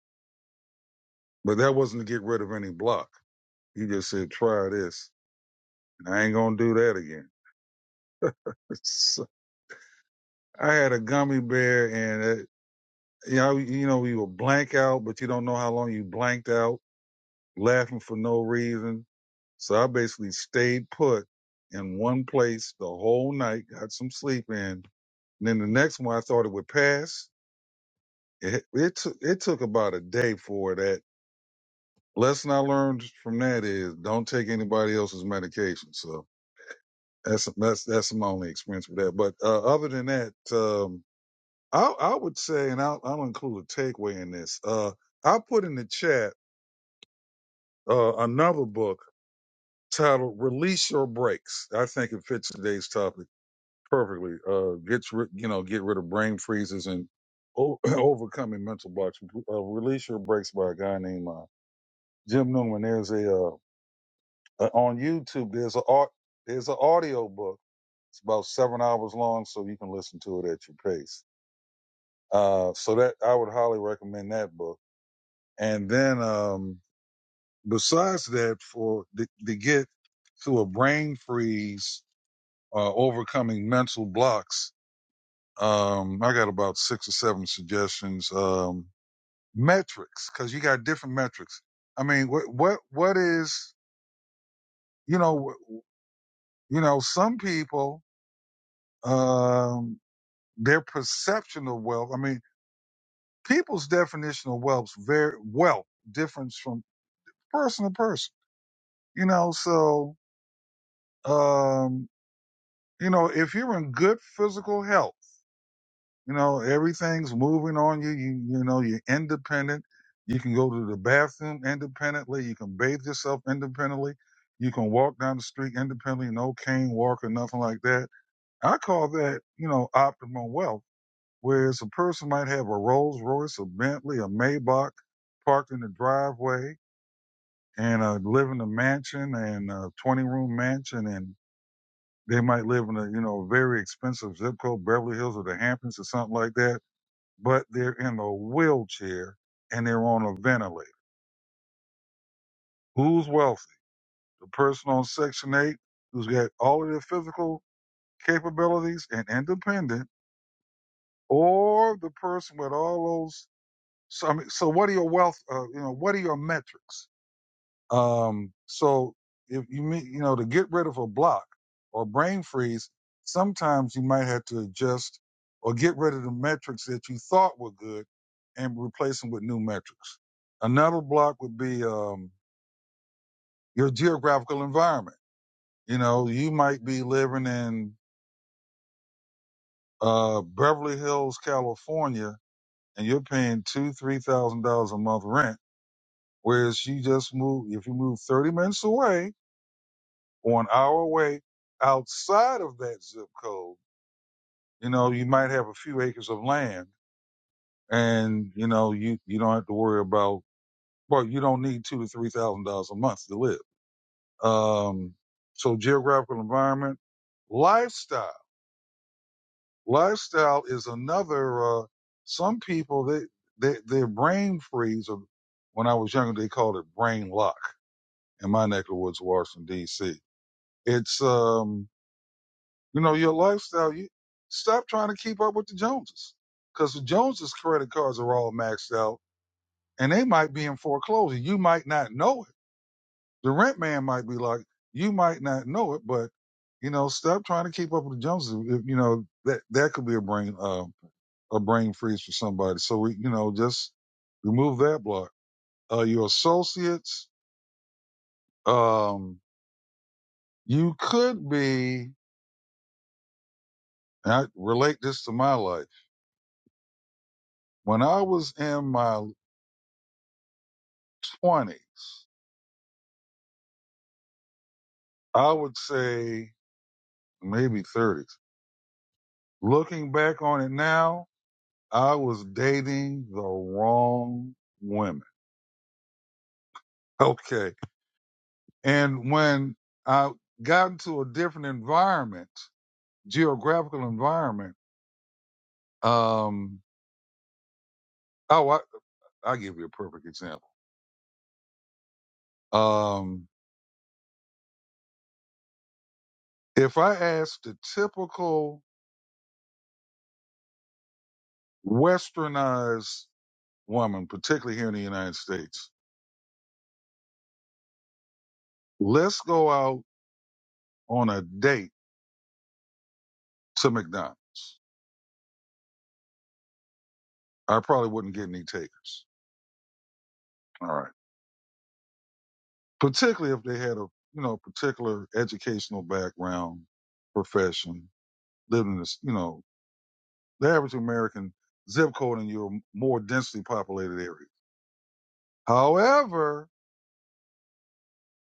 [SPEAKER 6] But that wasn't to get rid of any block. He just said, try this. And I ain't going to do that again. It's- I had a gummy bear and, it, you know, you know, you will blank out, but you don't know how long you blanked out, laughing for no reason. So I basically stayed put in one place the whole night, got some sleep in. And then the next one, I thought it would pass. It, it, took it took about a day for that lesson I learned from that is don't take anybody else's medication. So that's that's that's my only experience with that. But uh, other than that, um, I I would say, and I'll, I'll include a takeaway in this. Uh, I put in the chat uh, another book titled "Release Your Brakes." I think it fits today's topic perfectly. Uh, gets rid, you know, get rid of brain freezes and o- overcoming mental blocks. Uh, "Release Your Brakes" by a guy named uh, Jim Newman. There's a uh, uh, on YouTube. There's a au- there's an audio book. It's about seven hours long, so you can listen to it at your pace. Uh, so that I would highly recommend that book. And then um, besides that, for to, to get through a brain freeze, uh, overcoming mental blocks, um, I got about six or seven suggestions. Um, metrics, because you got different metrics. I mean, what what what is you know you know some people. Um, their perception of wealth. I mean, people's definition of wealth's very wealth differs from person to person. You know, so um, you know, if you're in good physical health, you know, everything's moving on you, you you know, you're independent. You can go to the bathroom independently, you can bathe yourself independently, you can walk down the street independently, no cane walk or nothing like that. I call that, you know, optimal wealth Whereas a person might have a Rolls Royce, a Bentley, a Maybach parked in the driveway and uh, live in a mansion and a 20 room mansion and they might live in a, you know, very expensive zip code, Beverly Hills or the Hamptons or something like that, but they're in a wheelchair and they're on a ventilator. Who's wealthy? The person on Section 8 who's got all of their physical capabilities and independent or the person with all those So I mean, so what are your wealth? Uh, you know, what are your metrics? Um, so if you mean, you know, to get rid of a block or brain freeze, sometimes you might have to adjust or get rid of the metrics that you thought were good and replace them with new metrics. Another block would be um, your geographical environment. You know, you might be living in uh, Beverly Hills, California, and you're paying two, three thousand dollars a month rent Whereas you just move, if you move 30 minutes away or an hour away outside of that zip code, you know, you might have a few acres of land and, you know, you, you don't have to worry about, well, you don't need two to $3,000 a month to live. Um, so geographical environment, lifestyle, lifestyle is another, uh, some people they, they, their brain freeze or when I was younger, they called it brain lock in my neck of the woods, Washington DC It's um, you know, your lifestyle. You stop trying to keep up with the Joneses, because the Joneses' credit cards are all maxed out, and they might be in foreclosure. You might not know it. The rent man might be like, you might not know it, but you know, stop trying to keep up with the Joneses. If, you know that that could be a brain uh, a brain freeze for somebody. So we, you know, just remove that block. Uh, your associates. Um, you could be. and I relate this to my life When I was in my 20s, I would say maybe 30s. Looking back on it now, I was dating the wrong women. Okay. And when I got into a different environment, geographical environment, um, oh, I, I'll give you a perfect example. Um, if I asked the typical westernized woman, particularly here in the United States, let's go out on a date to McDonald's, I probably wouldn't get any takers. All right. Particularly if they had a, you know, particular educational background, profession, lived in this, you know, the average American zip code in your more densely populated area. However,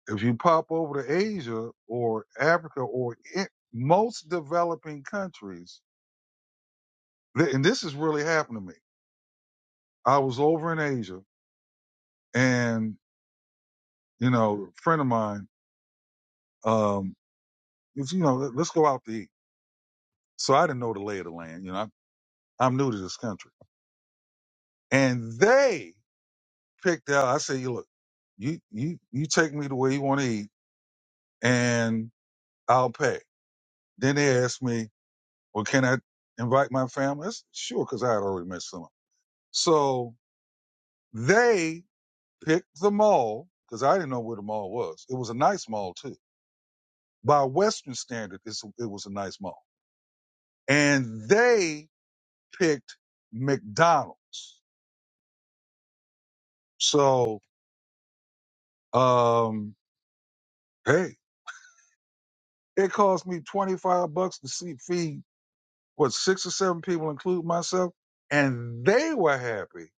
[SPEAKER 6] if you pop over to Asia or Africa or in most developing countries, and this has really happened to me. I was over in Asia and, you know, a friend of mine, um, if you know, let- let's go out to eat. So I didn't know the lay of the land. You know, I'm, I'm new to this country, and they picked out. I said, you look, you you you take me the way you want to eat, and I'll pay. Then they asked me, well, can I invite my family? I said, sure, because I had already met someone. So they picked the mall because I didn't know where the mall was. It was a nice mall too, by Western standard. It's, it was a nice mall, and they picked McDonald's. So Um, hey, it cost me 25 bucks to see, feed what six or seven people, include myself, and they were happy.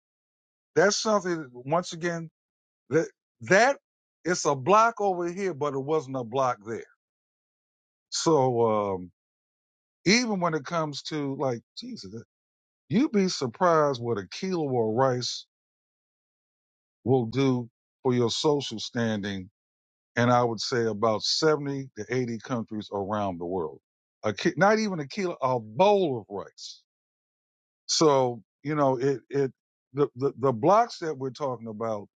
[SPEAKER 6] That's something, once again, that, that it's a block over here, but it wasn't a block there. So, um, even when it comes to like, Jesus, you'd be surprised what a kilo of rice will do for your social standing and I would say about 70 to 80 countries around the world. A ki- not even a kilo, a bowl of rice. So, you know, it, it, the, the, the blocks that we're talking about,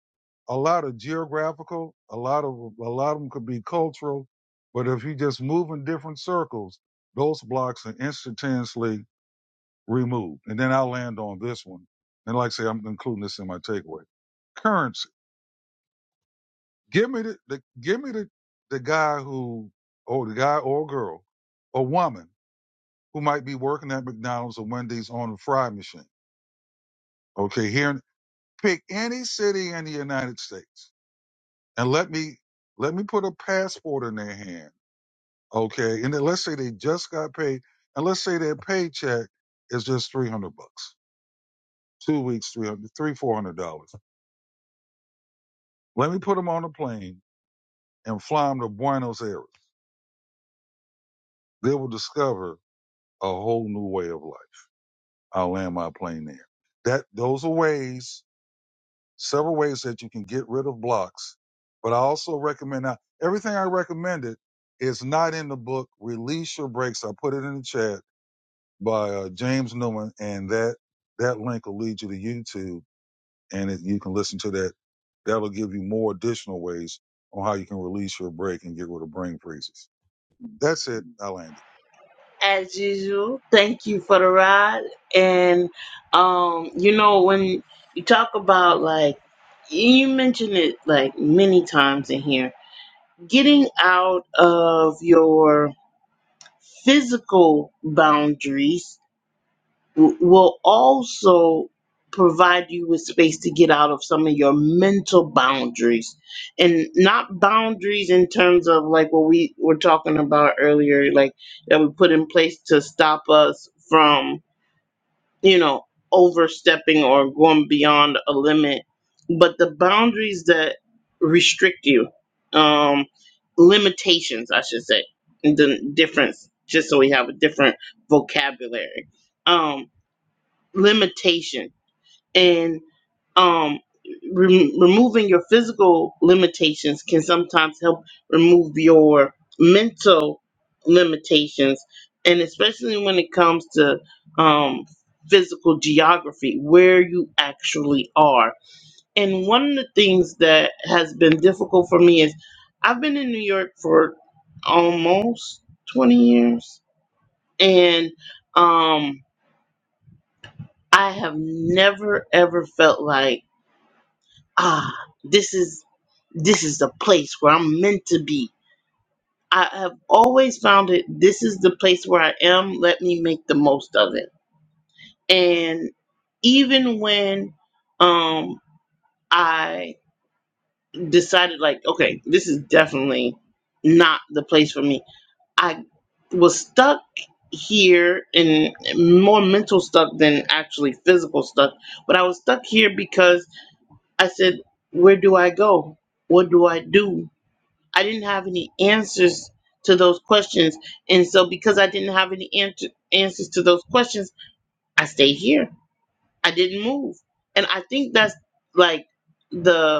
[SPEAKER 6] a lot of geographical, a lot of, a lot of them could be cultural, but if you just move in different circles, those blocks are instantaneously removed. And then I'll land on this one. And like I say, I'm including this in my takeaway. currency. Give me the, the give me the the guy who or the guy or girl or woman who might be working at McDonald's or Wendy's on a fry machine. Okay, here pick any city in the United States and let me let me put a passport in their hand. Okay, and then let's say they just got paid, and let's say their paycheck is just three hundred bucks, two weeks, three hundred, three four hundred dollars. Let me put them on a plane and fly them to Buenos Aires. They will discover a whole new way of life. I'll land my plane there. That those are ways, several ways that you can get rid of blocks. But I also recommend now everything I recommended is not in the book. Release your brakes. I put it in the chat by uh, James Newman, and that that link will lead you to YouTube, and it, you can listen to that. That'll give you more additional ways on how you can release your brake and get rid of brain freezes. That's it. I landed.
[SPEAKER 1] as usual. Thank you for the ride. And um, you know, when you talk about like you mentioned it like many times in here, getting out of your physical boundaries w- will also provide you with space to get out of some of your mental boundaries and not boundaries in terms of like what we were talking about earlier like that we put in place to stop us from you know overstepping or going beyond a limit but the boundaries that restrict you um limitations i should say the difference just so we have a different vocabulary um limitation and um rem removing your physical limitations can sometimes help remove your mental limitations and especially when it comes to um physical geography where you actually are and one of the things that has been difficult for me is i've been in new york for almost 20 years and um I have never ever felt like ah this is this is the place where I'm meant to be. I have always found it this is the place where I am, let me make the most of it. And even when um I decided like okay, this is definitely not the place for me. I was stuck here and more mental stuck than actually physical stuff, but I was stuck here because I said, Where do I go? What do I do? I didn't have any answers to those questions. And so, because I didn't have any answer, answers to those questions, I stayed here. I didn't move. And I think that's like the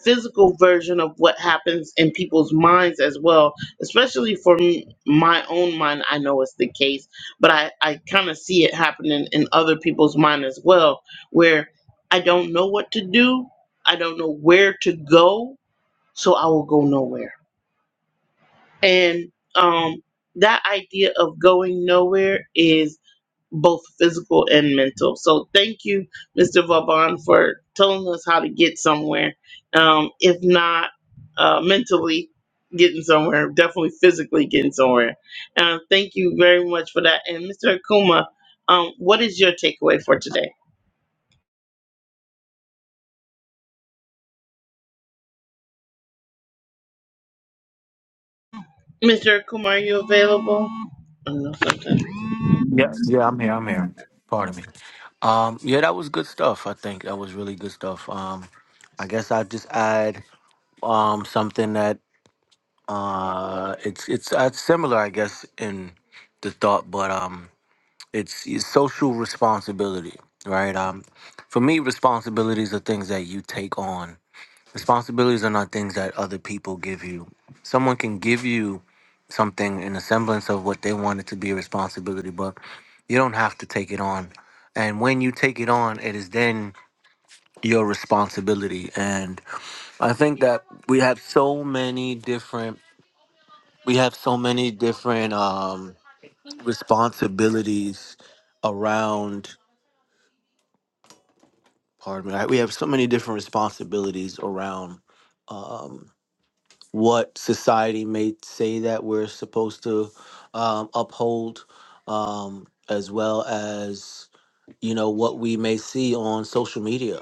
[SPEAKER 1] physical version of what happens in people's minds as well especially for m my own mind i know it's the case but i, I kind of see it happening in other people's mind as well where i don't know what to do i don't know where to go so i will go nowhere and um, that idea of going nowhere is both physical and mental. So thank you, Mr. Vauban, for telling us how to get somewhere. Um, if not uh, mentally getting somewhere, definitely physically getting somewhere. Uh, thank you very much for that. And Mr. Akuma, um, what is your takeaway for today? Mr. Akuma, are you available? I don't know something.
[SPEAKER 4] Yes, yeah, I'm here. I'm here. Pardon me. Um, yeah, that was good stuff. I think that was really good stuff. Um, I guess I'll just add um something that uh it's it's uh, similar, I guess, in the thought, but um, it's, it's social responsibility, right? Um, for me, responsibilities are things that you take on Responsibilities are not things that other people give you. Someone can give you something in a semblance of what they want it to be a responsibility, but you don't have to take it on. And when you take it on, it is then your responsibility. And I think that we have so many different we have so many different um, responsibilities around. Pardon me. We have so many different responsibilities around Um, what society may say that we're supposed to um, uphold, um, as well as you know what we may see on social media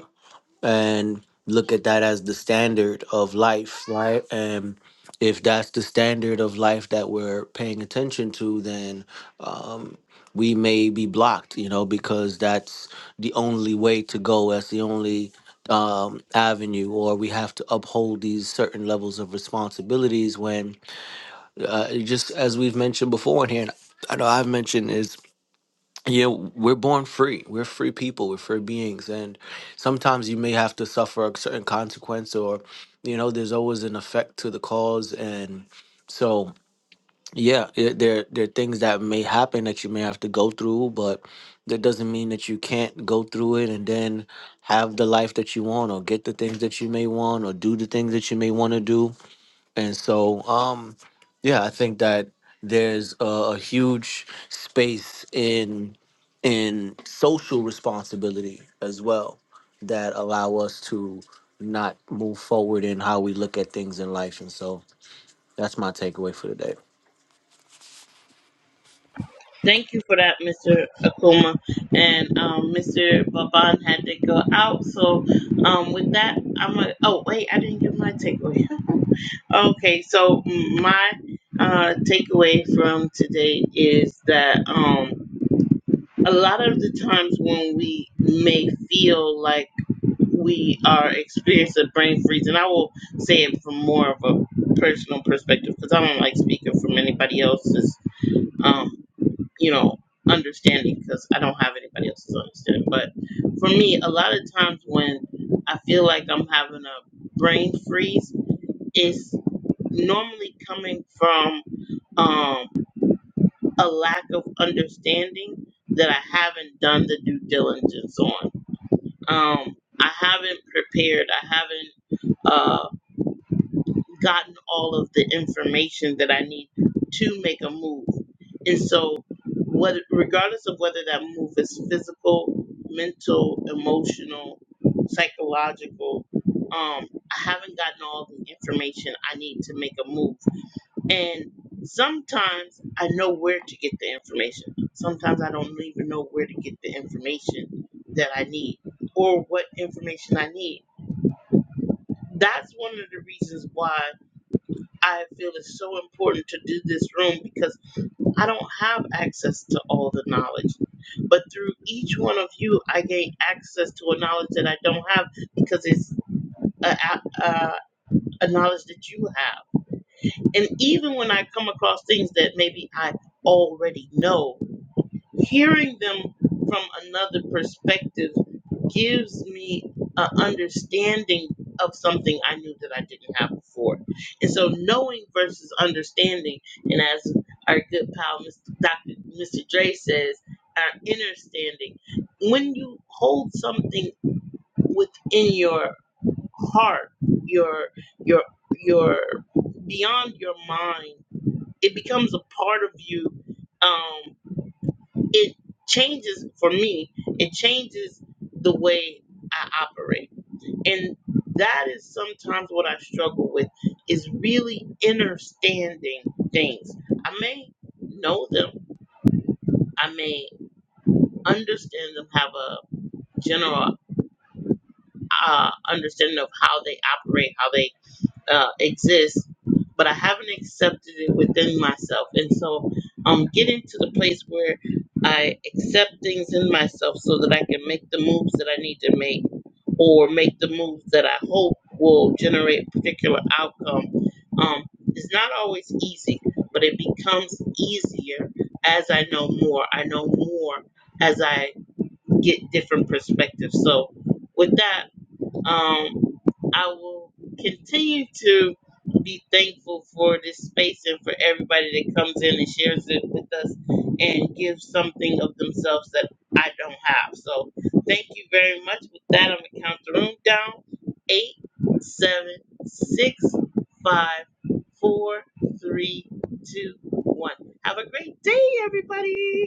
[SPEAKER 4] and look at that as the standard of life, right? And if that's the standard of life that we're paying attention to, then um, we may be blocked, you know, because that's the only way to go. That's the only um, avenue, or we have to uphold these certain levels of responsibilities when, uh, just as we've mentioned before in here, and I know I've mentioned is yeah, we're born free. We're free people. We're free beings, and sometimes you may have to suffer a certain consequence, or you know, there's always an effect to the cause, and so yeah, it, there there are things that may happen that you may have to go through, but that doesn't mean that you can't go through it and then have the life that you want, or get the things that you may want, or do the things that you may want to do and so, um, yeah, I think that there's a, a huge space in in social responsibility as well that allow us to not move forward in how we look at things in life. And so that's my takeaway for today.
[SPEAKER 1] Thank you for that, Mr. Akuma. And um, Mr. Baban had to go out. So um, with that, I'm like, oh, wait, I didn't give my takeaway. Okay, so my uh, takeaway from today is that um, a lot of the times when we may feel like we are experiencing brain freeze, and I will say it from more of a personal perspective because I don't like speaking from anybody else's, um, you know, understanding because I don't have anybody else's understanding. But for me, a lot of times when I feel like I'm having a brain freeze, it's normally coming from um, a lack of understanding that I haven't done the due diligence on. Um, I haven't prepared. I haven't uh, gotten all of the information that I need to make a move. And so, what, regardless of whether that move is physical, mental, emotional, psychological, um, I haven't gotten all the information I need to make a move. And sometimes I know where to get the information. Sometimes I don't even know where to get the information that I need or what information I need. That's one of the reasons why I feel it's so important to do this room because I don't have access to all the knowledge. But through each one of you, I gain access to a knowledge that I don't have because it's a, a, a knowledge that you have. And even when I come across things that maybe I already know, hearing them from another perspective gives me an understanding of something I knew that I didn't have before. And so knowing versus understanding, and as our good pal Mr. Dr. Mr. Dre says, our inner standing, when you hold something within your heart, your your your beyond your mind it becomes a part of you. Um, it changes for me. It changes the way I operate, and that is sometimes what I struggle with is really understanding things. I may know them. I may understand them. Have a general uh, understanding of how they operate, how they uh, exists, but I haven't accepted it within myself. And so I'm getting to the place where I accept things in myself so that I can make the moves that I need to make or make the moves that I hope will generate a particular outcome. Um, it's not always easy, but it becomes easier as I know more. I know more as I get different perspectives. So, with that, um. I will continue to be thankful for this space and for everybody that comes in and shares it with us and gives something of themselves that I don't have. So thank you very much. With that, I'm gonna count the room down. Eight, seven, six, five, four, three, two, one. Have a great day, everybody.